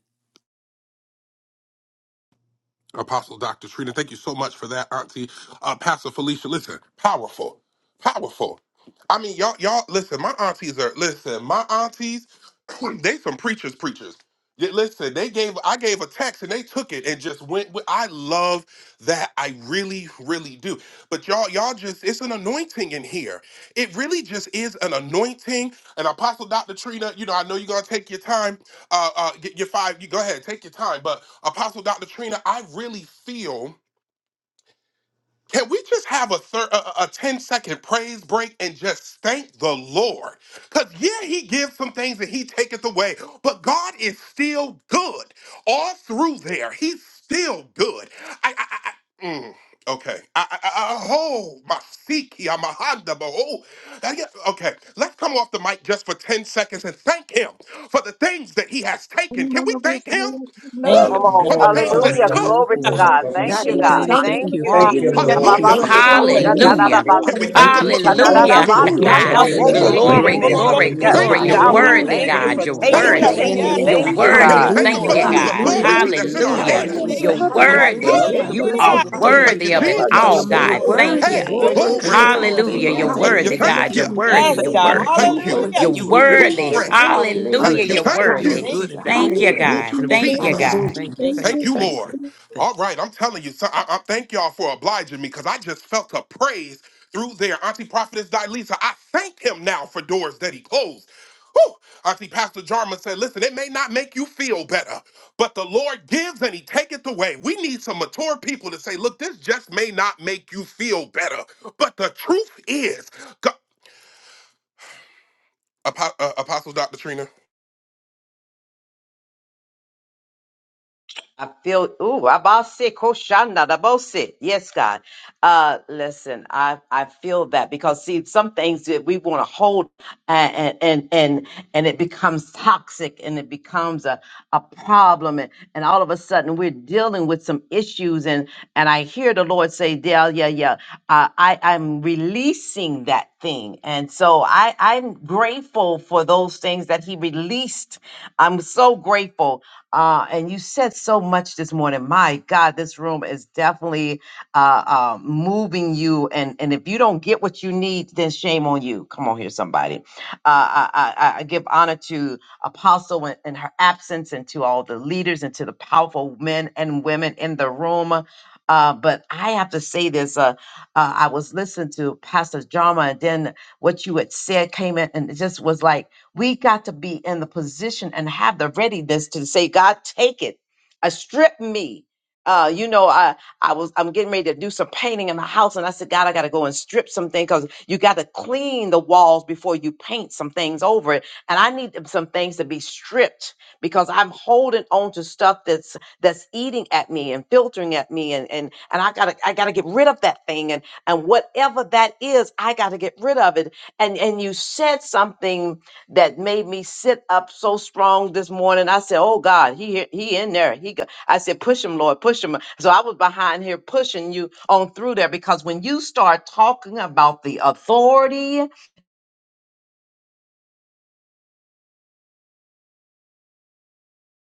Apostle Dr. Trina, thank you so much for that, Auntie. Uh, Pastor Felicia, listen, powerful, powerful. I mean, y'all, y'all, listen, my aunties are, listen, my aunties, they some preachers, preachers. Yeah, Listen, they gave, I gave a text and they took it and just went with, I love that. I really, really do. But y'all, y'all just, it's an anointing in here. It really just is an anointing. And Apostle Dr. Trina, you know, I know you're going to take your time uh, uh, get your five. You go ahead, take your time. But Apostle Dr. Trina, I really feel can we just have a, thir- a, a a praise break and just thank the Lord? Because, yeah, He gives some things and He taketh away, but God is still good. All through there, He's still good. I, I, I, I- mm, okay. I, I, I, I- oh, my Siki, I'm a Honda, but oh, I get- okay. Let's come off the mic just for 10 seconds and thank Him for the things that He has taken.
Thank
Can we thank Him
Thank
Woo!
you,
Hallelujah.
Come on.
you,
Hallelujah.
for the
Lord.
Glory to
things
God,
that
Hallelujah.
you,
He
Hallelujah.
you are
God.
took?
Glory to
Hallelujah.
so
God.
good. We
Thank
give
God,
you
Hallelujah.
you,
we
God.
Ishikiri.
thank
praise.
Thank
Thank
you.
you,
you,
We
Father.
Thank
give
you,
you
God.
We're
Jesus.
gonna
Thank
Lord.
you,
glory
Hallelujah.
hear
and
Ababasi,
it.
Father.
honor.
Lord.
kosta,
Thank you,
da,
Hallelujah.
Thank
da,
you.
da,
Hallelujah.
Father.
Lord,
Can we
basi.
thank
Thank
him
Hallelujah.
you,
good
for the
Ika, da,
and
Jesus.
da, da,
Glory
closed
Hallelujah.
to
only
Thank
you,
door?
you,
good.
God.
basa, na,
Thank
Hallelujah.
Jesus.
wo,
Whew!
We
We
Hallelujah.
give
se,
you
Lord.
give
kere,
glory,
you
Hallelujah.
Hallelujah.
glory.
besi.
glory,
praise
Glory,
Yeah.
We
Hallelujah.
give
glory.
Thank
you
You're
you.
God,
in
we
Hallelujah.
glory
good
glory,
worthy,
and
Hallelujah.
thank you
times
you,
and
God.
for
praise
You're
on
bad.
taking
this
Thank
Glory
it.
you.
to
Lord,
Jesus.
worthy.
morning.
your
Thank
you
hallelujah,
We
you.
Yes,
thank
name,
give
You're
you
God.
are
Thank
you,
God.
Thank
you,
our
Can
Jesus,
God.
we
you,
worthy.
thank
glory.
you,
God.
thank him
Thank
Hallelujah.
You
for
We
Lord.
you,
are
the
give
our
new
you
God.
Jesus, thank
strength,
Hallelujah.
Thank
praise.
authority
you,
We
that's in
you,
give
our
our
you
Jesus,
Lord.
Hallelujah.
honor. We
source,
hands?
Thank
Hallelujah.
You're
our
you,
thank
thank
you.
you,
God.
supply.
Jesus, thank
We
Whew!
you. Thank you,
Thank
worthy.
love
you
Jesus,
for the
Hallelujah.
Hallelujah.
you.
You are
blessings on
Thank
Thank
Thank
today.
you,
you,
worthy
you,
of
Hallelujah.
it
Father.
Thank
Lord.
thank
you for
Thank
your
all,
Jesus.
you,
You're
Thank
God.
you.
Lord.
miracles
Thank
on
Thank
Thank
you,
you.
worthy.
Hey,
you.
today.
You're
Lord.
Thank you,
worthy
Thank
Thank
glory.
you
you,
of
Lord.
for
all
your
Lord.
Hallelujah.
favor
glory.
You're
on
Thank
today.
Thank
We
you,
worthy,
you,
Hallelujah.
Hallelujah.
thank
thank
God. You're
you.
you.
Jesus.
We
worthy.
Yes,
You're
thank
God.
Hallelujah.
you. You
worthy.
are
Thank
Hallelujah.
you.
Glory
worthy.
to
You're
Thank you,
You
your
are
name,
good and
worthy.
Glory.
Father.
very
Jesus.
good.
Thank you,
Hallelujah.
Hallelujah.
Thank you,
You're
Hallelujah.
Father.
thank
You are
worthy.
you.
Thank
good
Hallelujah.
and
you,
very
Thank you,
good.
Jesus.
Whew,
Hallelujah.
God.
And we
Thank
Thank
you,
you,
God.
Jesus.
you,
God.
Hallelujah.
Thank you.
thank
Thank you.
Thank
Thank
you,
you.
you,
thank
Thank you.
Lord.
you.
Thank you.
All right, I'm telling you, so I, I thank y'all for obliging me because I just felt a praise through there. Auntie Prophetess Dilisa, I thank him now for doors that he closed. Whew. Auntie Pastor Jarman said, listen, it may not make you feel better, but the Lord gives and he taketh away. We need some mature people to say, look, this just may not make you feel better, but the truth is, God, Apo- uh, Apostle Dr. Trina,
I feel ooh, abase koshanda dabose. Yes, God. Uh listen, I I feel that because see some things that we want to hold and and and and it becomes toxic and it becomes a, a problem and, and all of a sudden we're dealing with some issues and and I hear the Lord say, Dale, yeah, yeah, uh, I, I'm releasing that thing. And so I, I'm grateful for those things that He released. I'm so grateful uh, and you said so much this morning. My God, this room is definitely uh, uh, moving you. And, and if you don't get what you need, then shame on you. Come on here, somebody. Uh, I, I, I I give honor to Apostle in, in her absence and to all the leaders and to the powerful men and women in the room. Uh, but I have to say this. Uh, uh, I was listening to Pastor Jama, and then what you had said came in, and it just was like, we got to be in the position and have the readiness to say, God, take it. Uh, strip me. Uh, you know, I, I was I'm getting ready to do some painting in my house, and I said, God, I gotta go and strip some things because you gotta clean the walls before you paint some things over it. And I need them- some things to be stripped because I'm holding on to stuff that's that's eating at me and filtering at me, and and and I gotta I gotta get rid of that thing, and and whatever that is, I gotta get rid of it. And and you said something that made me sit up so strong this morning. I said, "Oh God, he here- he in there." He go. I said, "Push him, Lord, push him." So I was behind here pushing you on through there because when you start talking about the authority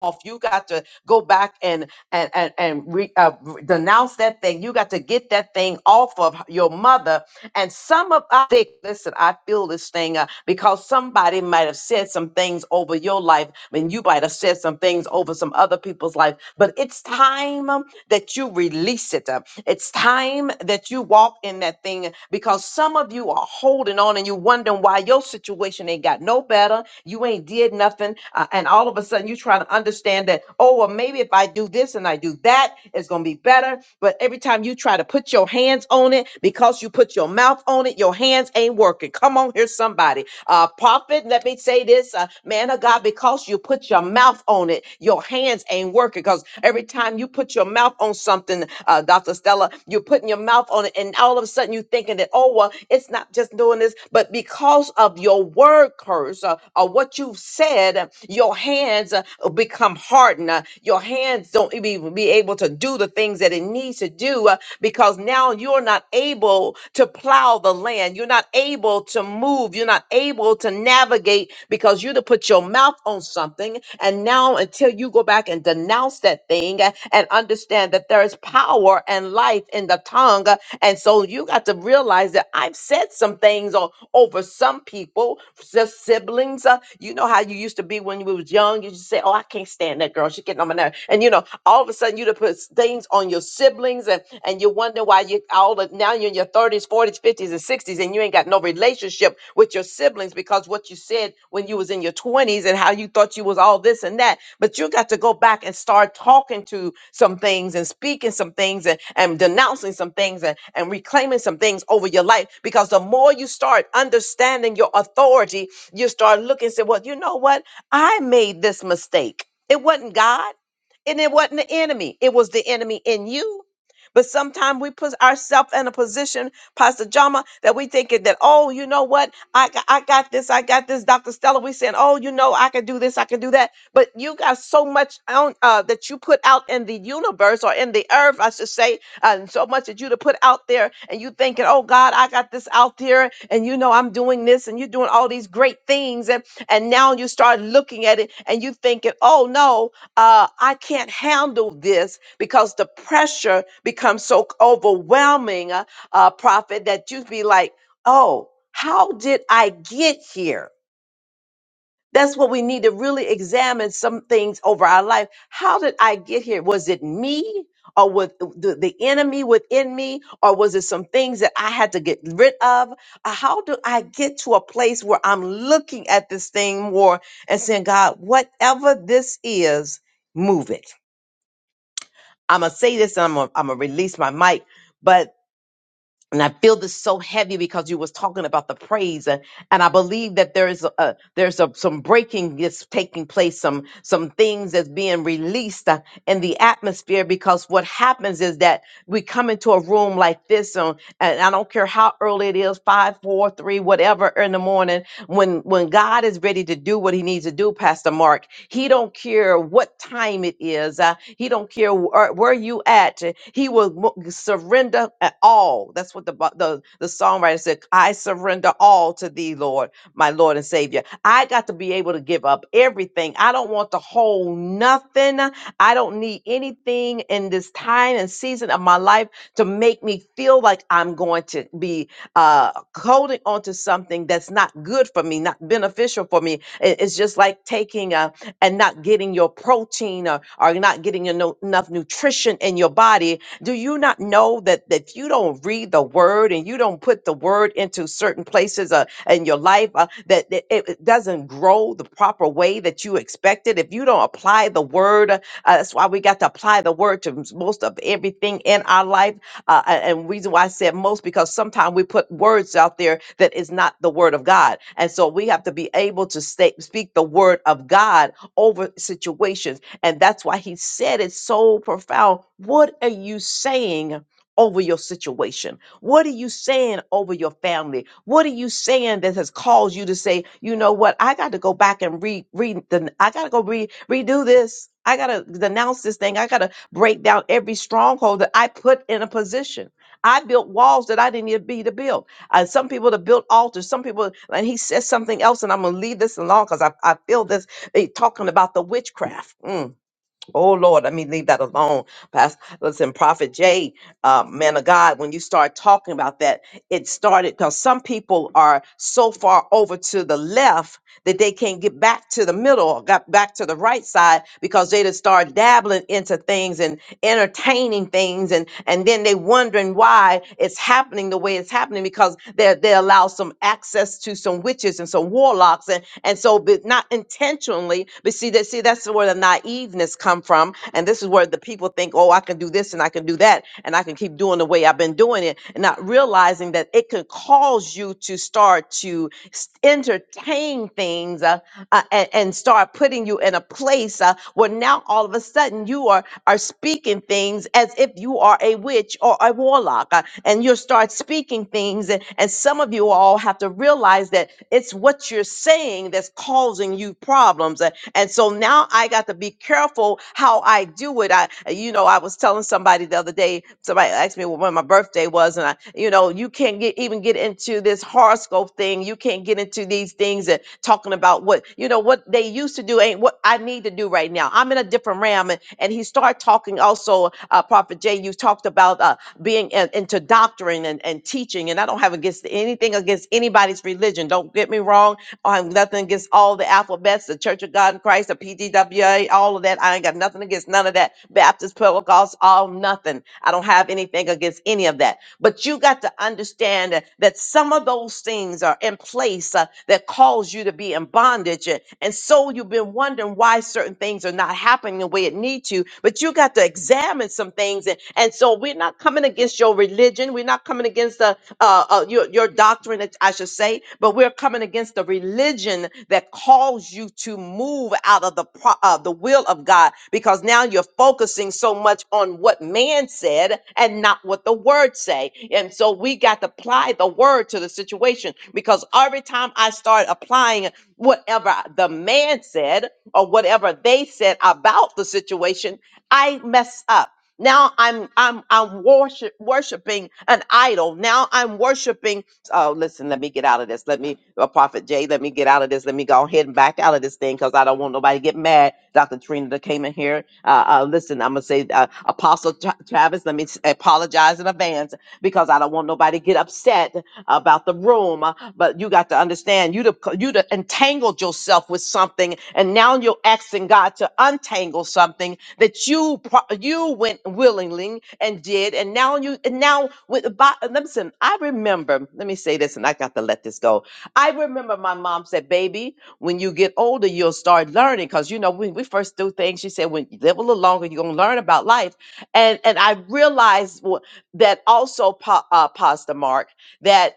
off. You got to go back and and and, and re, uh, re- denounce that thing. You got to get that thing off of your mother. And some of I think, listen, I feel this thing uh, because somebody might have said some things over your life, and you might have said some things over some other people's life. But it's time that you release it. Uh, It's time that you walk in that thing because some of you are holding on and you wondering why your situation ain't got no better. You ain't did nothing. uh, and all of a sudden you trying to understand that, oh, well, maybe if I do this and I do that, it's going to be better. But every time you try to put your hands on it, because you put your mouth on it, your hands ain't working. Come on here, somebody. Uh, prophet, let let me say this, uh, man of God, because you put your mouth on it, your hands ain't working. Because every time you put your mouth on something, uh, Dr. Stella, you're putting your mouth on it, and all of a sudden you're thinking that, oh, well, it's not just doing this, but because of your word curse uh, or what you've said, uh, your hands uh, become hardened. uh, your hands don't even be able to do the things that it needs to do. uh, because now you're not able to plow the land. You're not able to move. You're not able to navigate because you to put your mouth on something. And now until you go back and denounce that thing uh, and understand that there is power and life in the tongue, uh, and so you got to realize that I've said some things o- over some people, just siblings. Uh, you know how you used to be when you was young. You just say, "Oh, I can't stand that girl. She getting on my nerve." And you know, all of a sudden you to put s- things on your siblings, and and you wonder why you all of, now you're in your thirties, forties, fifties, and sixties, and you ain't and you ain't got no relationship with your siblings because what you said when you was in your 20s and how you thought you was all this and that but you got to go back and start talking to some things and speaking some things and, and denouncing some things and, and reclaiming some things over your life because the more you start understanding your authority you start looking and say well you know what i made this mistake it wasn't god and it wasn't the enemy it was the enemy in you but sometimes we put ourselves in a position Pastor Jama, that we thinking that, oh, you know what? I, got- I got this, I got this. Dr. Stella, we saying, oh, you know, I can do this, I can do that. But you got so much on, uh, that you put out in the universe or in the earth, I should say, and so much that you to put out there and you thinking, oh God, I got this out there and you know I'm doing this and you're doing all these great things. And, and now you start looking at it and you thinking, oh no, uh, I can't handle this because the pressure becomes so c- overwhelming. uh, uh, prophet, that you'd be like, oh, how did I get here? That's what we need to really examine some things over our life. How did I get here? Was it me or was the, the enemy within me? Or was it some things that I had to get rid of? Uh, How do I get to a place where I'm looking at this thing more and saying, God, whatever this is, move it? I'm going to say this and I'm going to release my mic, but and I feel this so heavy because you was talking about the praise, and, and I believe that there is a, there's a, some breaking that's taking place, some some things that's being released uh, in the atmosphere. Because what happens is that we come into a room like this, um, and I don't care how early it is, five, four, three, whatever in the morning. When when God is ready to do what He needs to do, Pastor Mark, He don't care what time it is. Uh, he don't care where, where you at. uh, He will mo- surrender at all. That's what the Bi- the the songwriter said. I surrender all to Thee, Lord my Lord and Savior. I got to be able to give up everything. I don't want to hold nothing. I don't need anything in this time and season of my life to make me feel like I'm going to be uh, holding on to something that's not good for me, not beneficial for me. It- It's just like taking a, and not getting your protein or, or not getting your no, enough nutrition in your body do you not know that that if you don't read the word and you don't put the word into certain places uh, in your life uh, that, that it it doesn't grow the proper way that you expected? If you don't apply the word, uh, uh, that's why we got to apply the word to s- most of everything in our life. Uh, a- and reason why I said most because sometimes we put words out there that is not the word of God, and so we have to be able to state, speak the word of God over situations and that's why he said it so profound. What are you saying over your situation? What are you saying over your family? What are you saying that has caused you to say, you know what? I got to go back and re read the I gotta go re redo this. I gotta denounce this thing. I gotta break down every stronghold that I put in a position. I built walls that I didn't need to be to build. Uh, some people to build altars. Some people, and he says something else, and I'm gonna leave this alone because I, I feel this eh, talking about the witchcraft. Mm. Oh Lord, I mean, leave that alone, Pastor. Listen, Prophet Jay, uh, man of God, when you start talking about that, it started because some people are so far over to the left that they can't get back to the middle or got back to the right side because they just start dabbling into things and entertaining things, and and then they wondering why it's happening the way it's happening because they they allow some access to some witches and some warlocks and and so but not intentionally, but see that see that's where the the naiveness come from. And this is where the people think, oh, I can do this and I can do that and I can keep doing the way I've been doing it, and not realizing that it could cause you to start to s- entertain things uh, uh, and, and start putting you in a place uh, where now all of a sudden you are are speaking things as if you are a witch or a warlock, uh, and you start speaking things, and, and some of you all have to realize that it's what you're saying that's causing you problems. A- And so now I got to be careful how I do it. I, you know, I was telling somebody the other day, somebody asked me when my birthday was, and I, you know, you can't get even get into this horoscope thing. You can't get into these things and talking about what, you know, what they used to do ain't what I need to do right now. I'm in a different realm. And, and he started talking also, uh, Prophet Jay, you talked about uh, being in, into doctrine and, and teaching. And I don't have against anything against anybody's religion. Don't get me wrong. I have nothing against all the alphabets, the Church of God in Christ, the PGWA, all of that. I ain't got nothing against none of that. Baptist, Pentecost, all nothing. I don't have anything against any of that. But you got to understand that that some of those things are in place uh, that cause you to be in bondage. And and so you've been wondering why certain things are not happening the way it needs that need you, but you got to examine some things. And, and so we're not coming against your religion. We're not coming against the, uh, uh, your, your doctrine, I I should say, but we're coming against the religion that calls you to move out of the, pro- uh, the will of God because now you're focusing so much on what man said and not what the word say. And so we got to apply the word to the situation because every time I start applying whatever the man said, or whatever they said about the situation, I mess up. Now I'm I'm I'm worship, worshiping an idol. Now I'm worshiping. Oh, listen, let me get out of this. Let me, uh, Prophet Jay, let me get out of this. Let me go ahead and back out of this thing because I don't want nobody to get mad. Dr. Trina that came in here. Uh, uh, listen, I'm gonna say, uh, Apostle Tra- Travis, let me s- apologize in advance because I don't want nobody to get upset about the room, uh, but you got to understand you'd have you'd have entangled yourself with something, and now you're asking God to untangle something that you pro- you went willingly and did, and now you and now with about listen. I remember. Let me say this, and I got to let this go. I remember my mom said, "Baby, when you get older, you'll start learning." Because you know when we first do things, she said, "When you live a little longer, you're gonna learn about life." And and I realized wh- that also, pa- uh, Pastor Mark that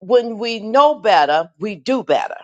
when we know better, we do better.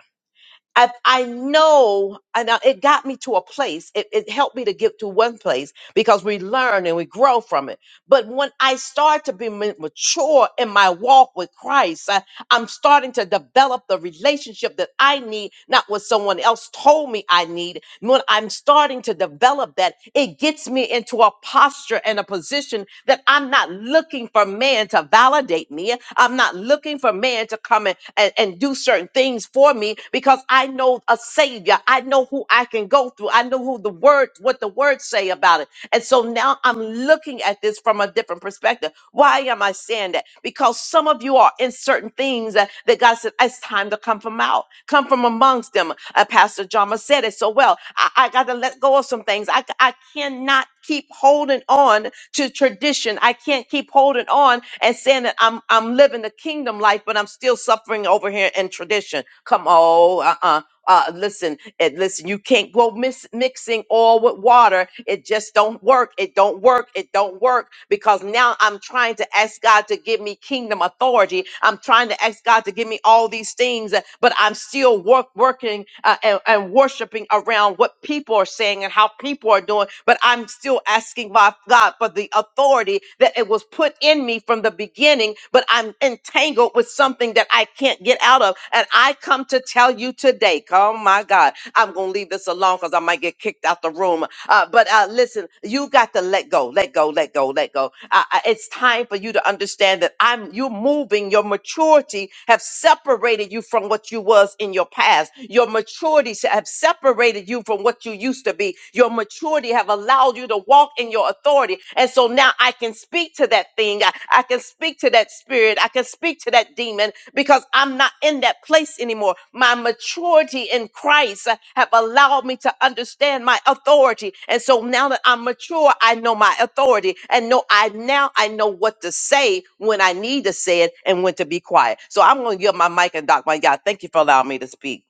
I, I know, and I- it got me to a place. It, it helped me to get to one place because we learn and we grow from it. But when I start to be ma- mature in my walk with Christ, I'm starting to develop the relationship that I need, not what someone else told me I need. When I'm starting to develop that, it gets me into a posture and a position that I'm not looking for man to validate me. I'm not looking for man to come and, and, and do certain things for me because I know a savior. I know who I can go through. I know who the word, what the words say about it. And so now I'm looking at this from a different perspective. Why am I saying that? Because some of you are in certain things that, that God said, it's time to come from out, come from amongst them. Uh, Pastor Jama said it so well. I, I got to let go of some things. I, I cannot keep holding on to tradition. I can't keep holding on and saying that I'm I'm living the kingdom life, but I'm still suffering over here in tradition. Come on, uh-uh. Uh, listen, it, listen, you can't go mis- mixing oil with water. It just don't work. It don't work. It don't work because now I'm trying to ask God to give me kingdom authority. I'm trying to ask God to give me all these things, uh, but I'm still work, working uh, and, and worshiping around what people are saying and how people are doing. But I'm still asking my God for the authority that it was put in me from the beginning. But but I'm entangled with something that I can't get out of. And I come to tell you today, oh my God, I'm going to leave this alone because I might get kicked out the room. Uh, but uh, listen, you got to let go, let go, let go, let go. Uh, uh, it's time for you to understand that I'm you're moving. Your maturity have separated you from what you was in your past. Your maturity s- have separated you from what you used to be. Your maturity have allowed called you to walk in your authority. And so now I can speak to that thing. I, I can speak to that spirit. I can speak to that demon because I'm not in that place anymore. My maturity in Christ uh, have allowed me to understand my authority. And so now that I'm mature, I know my authority and know I now I know what to say when I need to say it and when to be quiet. So I'm going to give my mic and Doc my God. Thank you for allowing me to speak.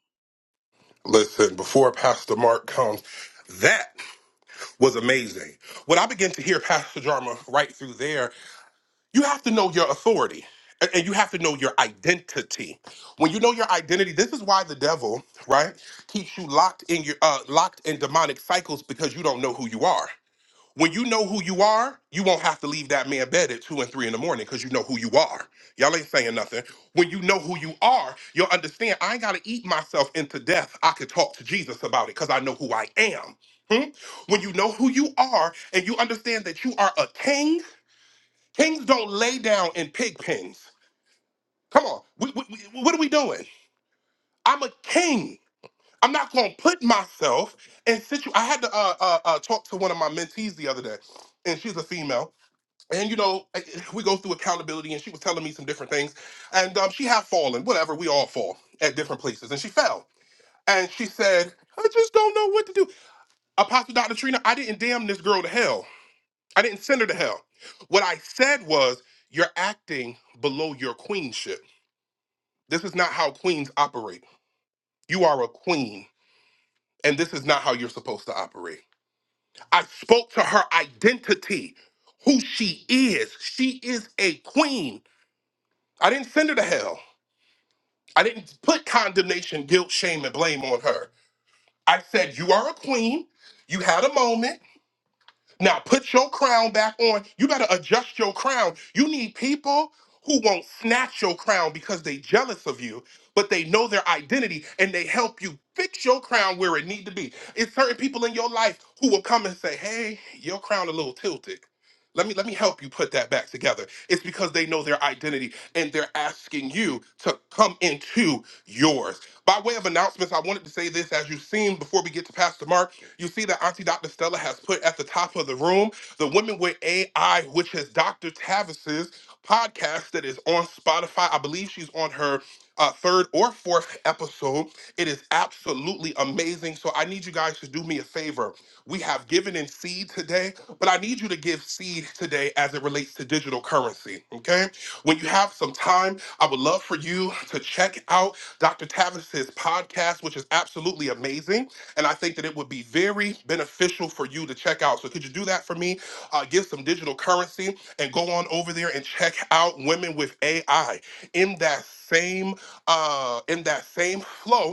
listen, before Pastor Mark comes, that was amazing. What I began to hear, Pastor Jarma, right through there, you have to know your authority a- and you have to know your identity. When you know your identity, this is why the devil, right, keeps you locked in your uh, locked in demonic cycles because you don't know who you are. When you know who you are, you won't have to leave that man bed at two and three in the morning because you know who you are. Y'all ain't saying nothing. When you know who you are, you'll understand I ain't gotta eat myself into death. I could talk to Jesus about it because I know who I am. Hmm? When you know who you are and you understand that you are a king, kings don't lay down in pig pens. Come on, we, we, we- what are we doing? I'm a king. I'm not gonna put myself in situ. I had to uh, uh, uh, talk to one of my mentees the other day, and she's a female and you know eh, eh, we go through accountability and she was telling me some different things and um, she had fallen whatever we all fall at different places and she fell and she said i just don't know what to do apostle dr trina i didn't damn this girl to hell i didn't send her to hell what i said was you're acting below your queenship this is not how queens operate you are a queen and this is not how you're supposed to operate i spoke to her identity who she is she is a queen i didn't send her to hell I didn't put condemnation, guilt, shame, and blame on her. I said, You are a queen. You had a moment. Now put your crown back on. You better adjust your crown. You need people who won't snatch your crown because they jealous of you, but they know their identity and they help you fix your crown where it need to be. It's certain people in your life who will come and say, "Hey, your crown a little tilted. Let me let me help you put that back together." It's because they know their identity and they're asking you to come into yours. By way of announcements, I wanted to say this as you've seen before we get to Pastor Mark. You see that Auntie Dr. Stella has put at the top of the room the Women with AI, which is Dr. Tavis's podcast that is on Spotify. I believe she's on her uh, third or fourth episode. It is absolutely amazing. So I need you guys to do me a favor. We have given in seed today, but I need you to give seed today as it relates to digital currency. Okay. When you have some time, I would love for you to check out Dr. Tavis's podcast, which is absolutely amazing and I think that it would be very beneficial for you to check out. So could you do that for me? Uh, give some digital currency and go on over there and check out Women with AI in that same uh, in that same flow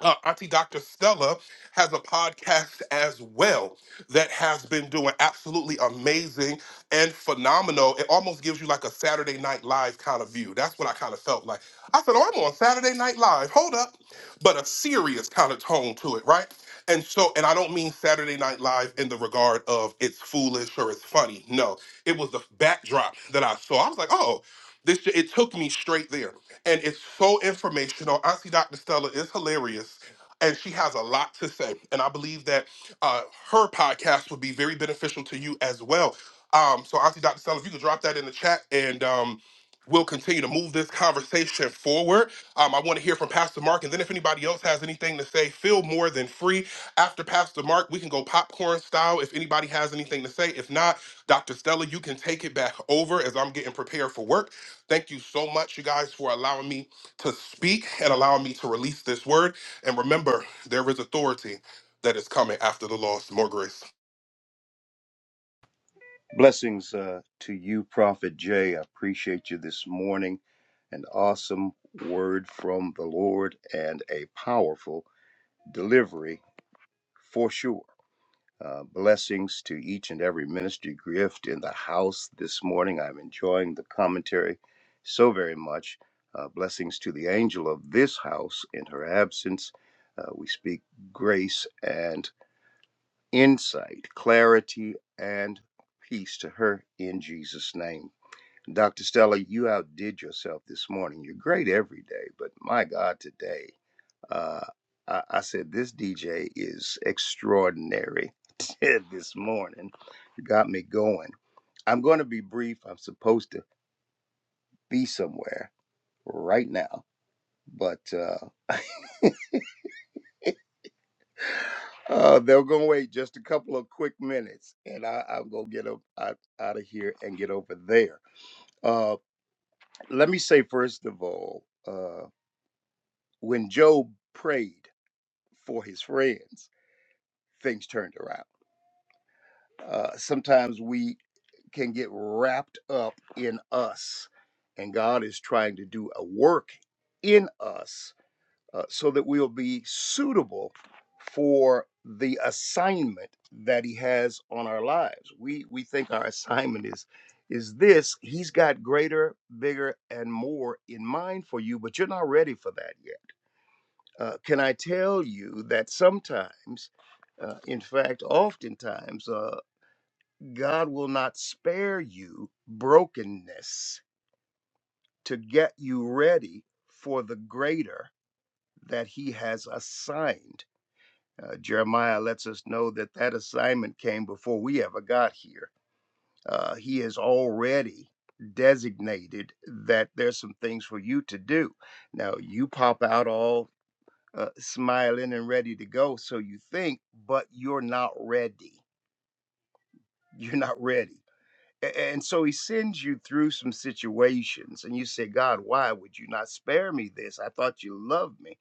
uh, Auntie Dr. Stella has a podcast as well that has been doing absolutely amazing and phenomenal. It almost gives you like a Saturday Night Live kind of view. That's what I kind of felt like. I said, Oh, I'm on Saturday Night Live. Hold up. But a serious kind of tone to it, right? And so, and I don't mean Saturday Night Live in the regard of it's foolish or it's funny. No, it was the backdrop that I saw. I was like, Oh, this, it took me straight there and it's so informational. Auntie Dr. Stella is hilarious. And she has a lot to say. And I believe that uh, her podcast would be very beneficial to you as well. Um, so, Auntie Dr. Stella, if you could drop that in the chat and um, we'll continue to move this conversation forward. Um, I want to hear from Pastor Mark. And then, if anybody else has anything to say, feel more than free. After Pastor Mark, we can go popcorn style if anybody has anything to say. If not, Dr. Stella, you can take it back over as I'm getting prepared for work. Thank you so much, you guys, for allowing me to speak and allowing me to release this word. And remember, there is authority that is coming after the loss. More grace.
Blessings uh, to you, Prophet Jay. I appreciate you this morning. An awesome word from the Lord and a powerful delivery for sure. Uh, blessings to each and every ministry gift in the house this morning. I'm enjoying the commentary so very much. Uh, blessings to the angel of this house in her absence. Uh, we speak grace and insight, clarity and peace to her in Jesus' name. Dr. Stella, you outdid yourself this morning. You're great every day, but my God, today, uh, I, I said this DJ is extraordinary this morning. You got me going. I'm going to be brief. I'm supposed to be somewhere right now, but uh, uh, they're going to wait just a couple of quick minutes, and I, I'm going to get up, out, out of here and get over there. Uh, let me say, first of all, uh, When Job prayed for his friends, things turned around. Uh, sometimes we can get wrapped up in us, and God is trying to do a work in us uh, so that we'll be suitable for the assignment that He has on our lives. We we think our assignment is is this he's got greater bigger and more in mind for you but you're not ready for that yet Uh, can I tell you that sometimes, uh, in fact, oftentimes, uh, God will not spare you brokenness to get you ready for the greater that He has assigned? Uh, Jeremiah lets us know that that assignment came before we ever got here. Uh, he has already designated that there's some things for you to do. Now, you pop out all uh, smiling and ready to go. So you think, but you're not ready. You're not ready. A- And so he sends you through some situations, and you say, God, why would you not spare me this? I thought you loved me.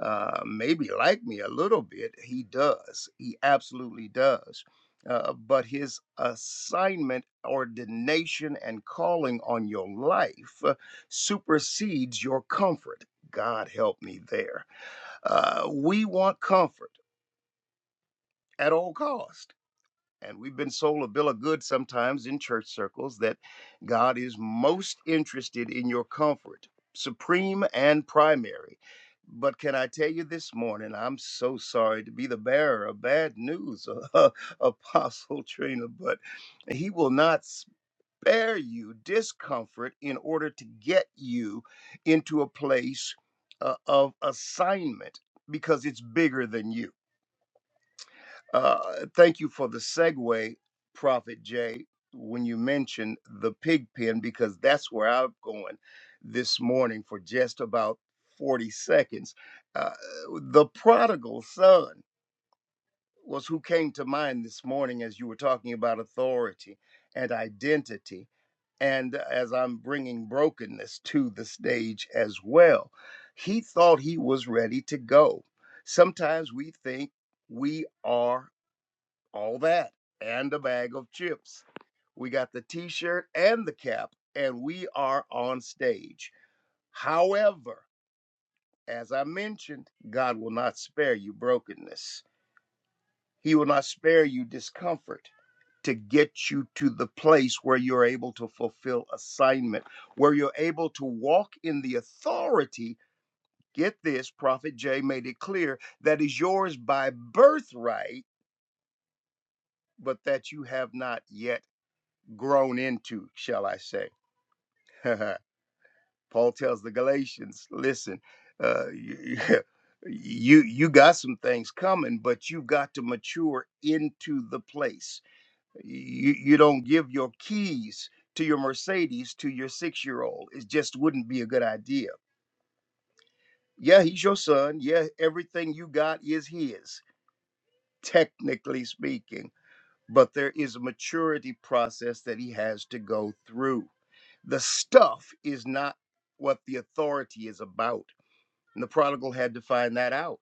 Uh, maybe like me a little bit. He does. He absolutely does. Uh, but his assignment, ordination, and calling on your life uh, supersedes your comfort. God help me there. Uh, we want comfort at all cost. And we've been sold a bill of goods sometimes in church circles that God is most interested in your comfort, supreme and primary. But can I tell you this morning, I'm so sorry to be the bearer of bad news, Apostle Trina, but he will not spare you discomfort in order to get you into a place uh, of assignment because it's bigger than you uh, thank you for the segue, Prophet Jay, when you mentioned the pig pen, because that's where I'm going this morning for just about 40 seconds. Uh, the prodigal son was who came to mind this morning as you were talking about authority and identity, and as I'm bringing brokenness to the stage as well. He thought he was ready to go. Sometimes we think we are all that and a bag of chips. We got the t shirt and the cap, and we are on stage. However, as I mentioned, God will not spare you brokenness, He will not spare you discomfort to get you to the place where you're able to fulfill assignment, where you're able to walk in the authority. Get this, Prophet Jay made it clear that is yours by birthright, but that you have not yet grown into, shall I say. Paul tells the Galatians, listen, uh, you, you you got some things coming, but you've got to mature into the place. You you don't give your keys to your Mercedes to your six year old. It just wouldn't be a good idea. Yeah, he's your son. Yeah, everything you got is his, technically speaking but there is a maturity process that he has to go through. The stuff is not what the authority is about. And the prodigal had to find that out.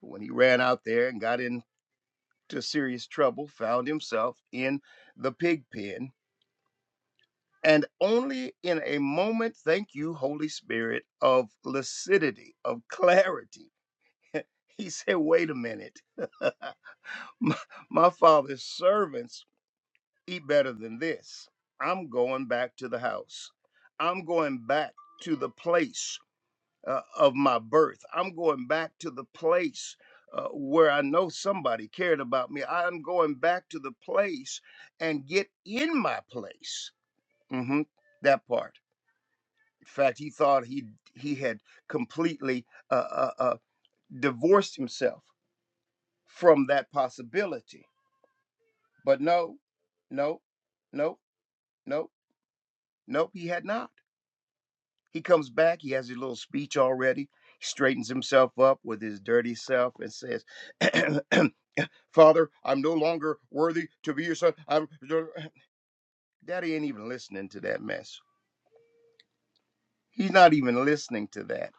When he ran out there and got into serious trouble, found himself in the pig pen, and only in a moment, thank you, Holy Spirit, of lucidity, of clarity, he said, Wait a minute. my, my father's servants eat better than this. I'm going back to the house. I'm going back to the place uh, of my birth. I'm going back to the place uh, where I know somebody cared about me. I'm going back to the place and get in my place. hmm That part. In fact, he thought he he had completely uh, uh, uh, divorced himself from that possibility. But no, no, no, no, no. He had not. He comes back, he has his little speech already, he straightens himself up with his dirty self and says, Father, I'm no longer worthy to be your son. I'm Daddy ain't even listening to that mess. He's not even listening to that.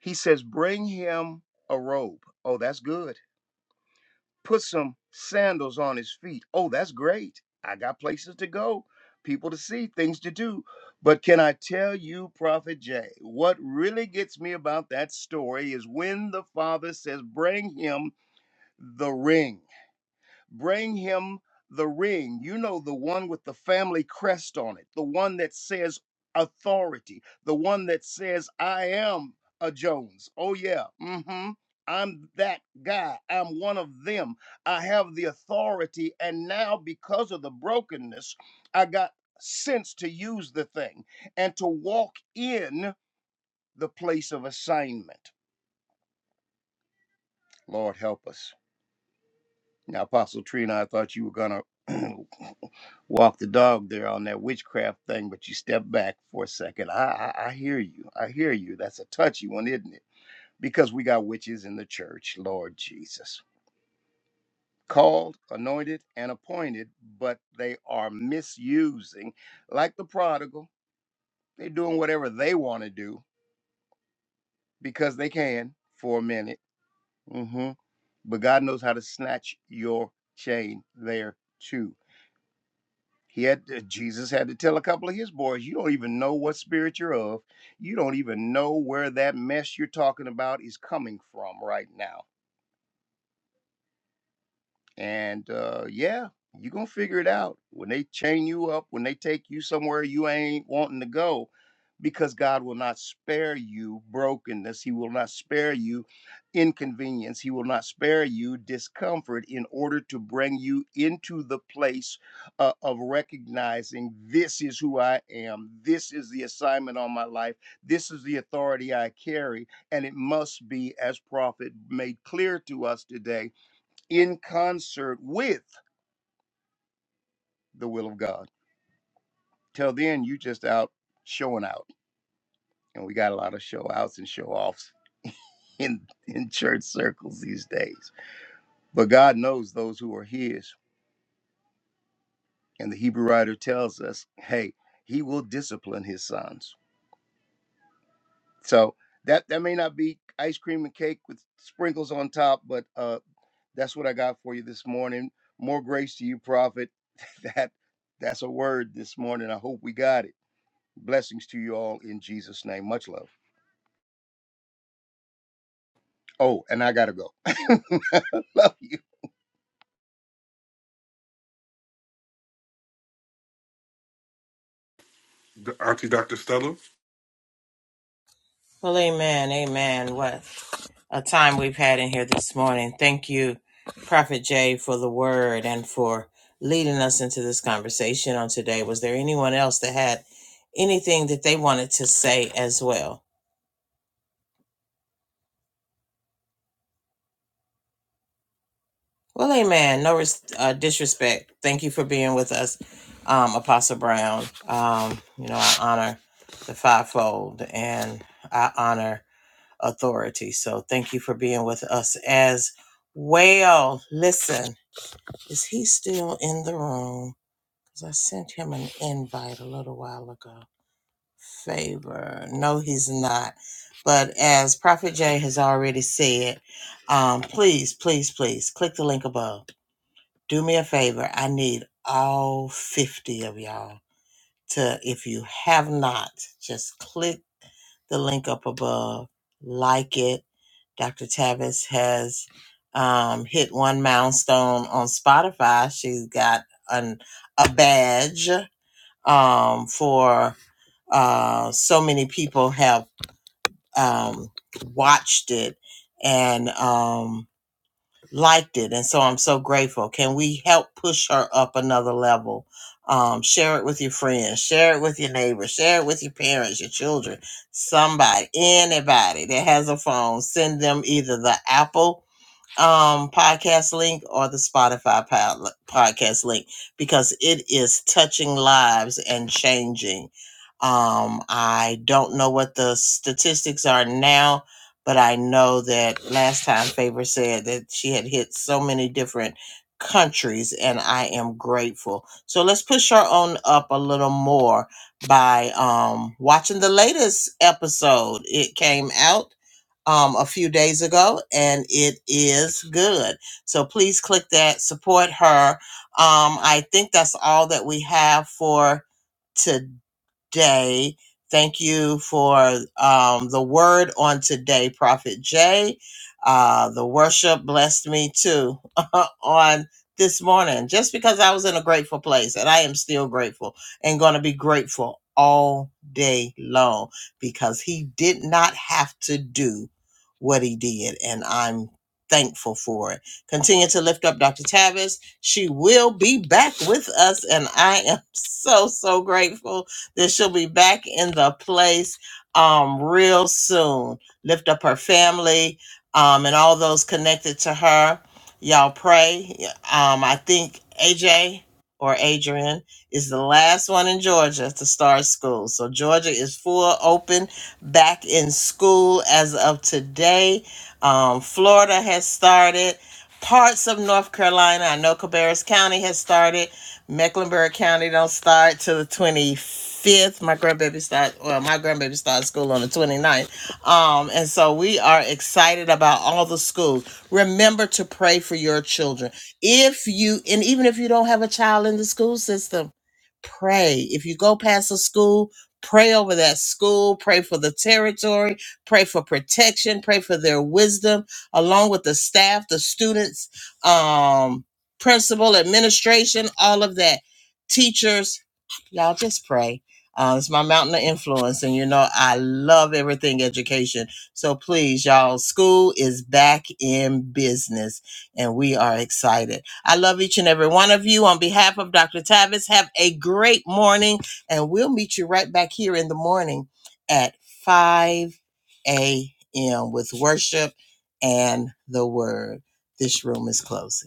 He says, Bring him a robe. Oh, that's good. put some sandals on his feet. Oh, that's great. I got places to go, people to see, things to do. But can I tell you, Prophet Jay, what really gets me about that story is when the father says, Bring him the ring bring him the ring. You know, the one with the family crest on it, the one that says authority, the one that says, I am a Jones. Oh, yeah. hmm. I'm that guy. I'm one of them. I have the authority. And now, because of the brokenness, I got sense to use the thing and to walk in the place of assignment. Lord, help us. Now, Apostle Trina, I thought you were gonna walk the dog there on that witchcraft thing, but you stepped back for a second. I, I I hear you. I hear you. That's a touchy one, isn't it? Because we got witches in the church, Lord Jesus. Called, anointed, and appointed, but they are misusing, like the prodigal. They're doing whatever they want to do because they can for a minute. hmm But God knows how to snatch your chain there too He had uh, Jesus had to tell a couple of his boys, you don't even know what spirit you're of. You don't even know where that mess you're talking about is coming from right now and uh, yeah, you're going to figure it out. When they chain you up, when they take you somewhere you ain't wanting to go, because God will not spare you brokenness. He will not spare you inconvenience. He will not spare you discomfort in order to bring you into the place uh, of recognizing this is who I am. This is the assignment on my life. This is the authority I carry. And it must be, as prophet made clear to us today, in concert with the will of God. Till then, you just out showing out, and we got a lot of show outs and show offs in in church circles these days. But God knows those who are His, and the Hebrew writer tells us, "Hey, He will discipline His sons." So that that may not be ice cream and cake with sprinkles on top, but uh, that's what I got for you this morning. More grace to you, prophet. That that's a word this morning. I hope we got it. Blessings to you all in Jesus' name. Much love. Oh, and I gotta go. love you.
D- Auntie Dr. Stella.
Well, amen, amen. What a time we've had in here this morning. Thank you, Prophet Jay, for the word and for leading us into this conversation on today. Was there anyone else that had anything that they wanted to say as well? Well, amen. No res- uh, disrespect. Thank you for being with us, um, Apostle Brown. Um, you know, I honor the fivefold and I honor authority. So thank you for being with us as well. Listen. Is he still in the room? Because I sent him an invite a little while ago. Favor. No, he's not. But as Prophet Jay has already said, um, please, please, please click the link above. Do me a favor. I need all 50 of y'all to if you have not just click the link up above like it dr tavis has um, hit one milestone on spotify she's got an, a badge um, for uh, so many people have um, watched it and um, liked it and so i'm so grateful can we help push her up another level um, share it with your friends share it with your neighbors share it with your parents your children somebody anybody that has a phone send them either the apple um, podcast link or the Spotify pod- podcast link because it is touching lives and changing. Um, I don't know what the statistics are now, but I know that last time Favor said that she had hit so many different countries, and I am grateful. So let's push her on up a little more by um, watching the latest episode. It came out um, a few days ago, and it is good. So please click that, support her. Um, I think that's all that we have for today day. Thank you for um, the word on today, Prophet Jay. Uh, the worship blessed me too on this morning, just because I was in a grateful place, and I am still grateful and going to be grateful all day long because he did not have to do what he did, and I'm thankful for it. Continue to lift up Dr. Tavis. She will be back with us, and I am so, so grateful that she'll be back in the place um, real soon. Lift up her family um, and all those connected to her. Y'all pray. Um, I think AJ or Adrian is the last one in Georgia to start school. So Georgia is full open, back in school as of today. Um, Florida has started parts of North Carolina. I know Cabarrus County has started. Mecklenburg County don't start till the 25th. My grandbaby start well, my grandbaby started school on the 29th. Um, and so we are excited about all the schools. Remember to pray for your children. If you and even if you don't have a child in the school system, pray. If you go past a school, pray over that school, pray for the territory, pray for protection, pray for their wisdom along with the staff, the students, um, principal, administration, all of that, teachers y'all just pray. Uh, it's my mountain of influence, and you know I love everything education. So please, y'all, school is back in business, and we are excited. I love each and every one of you. On behalf of Dr. Tavis, have a great morning, and we'll meet you right back here in the morning at 5 a.m. with worship and the word. This room is closing.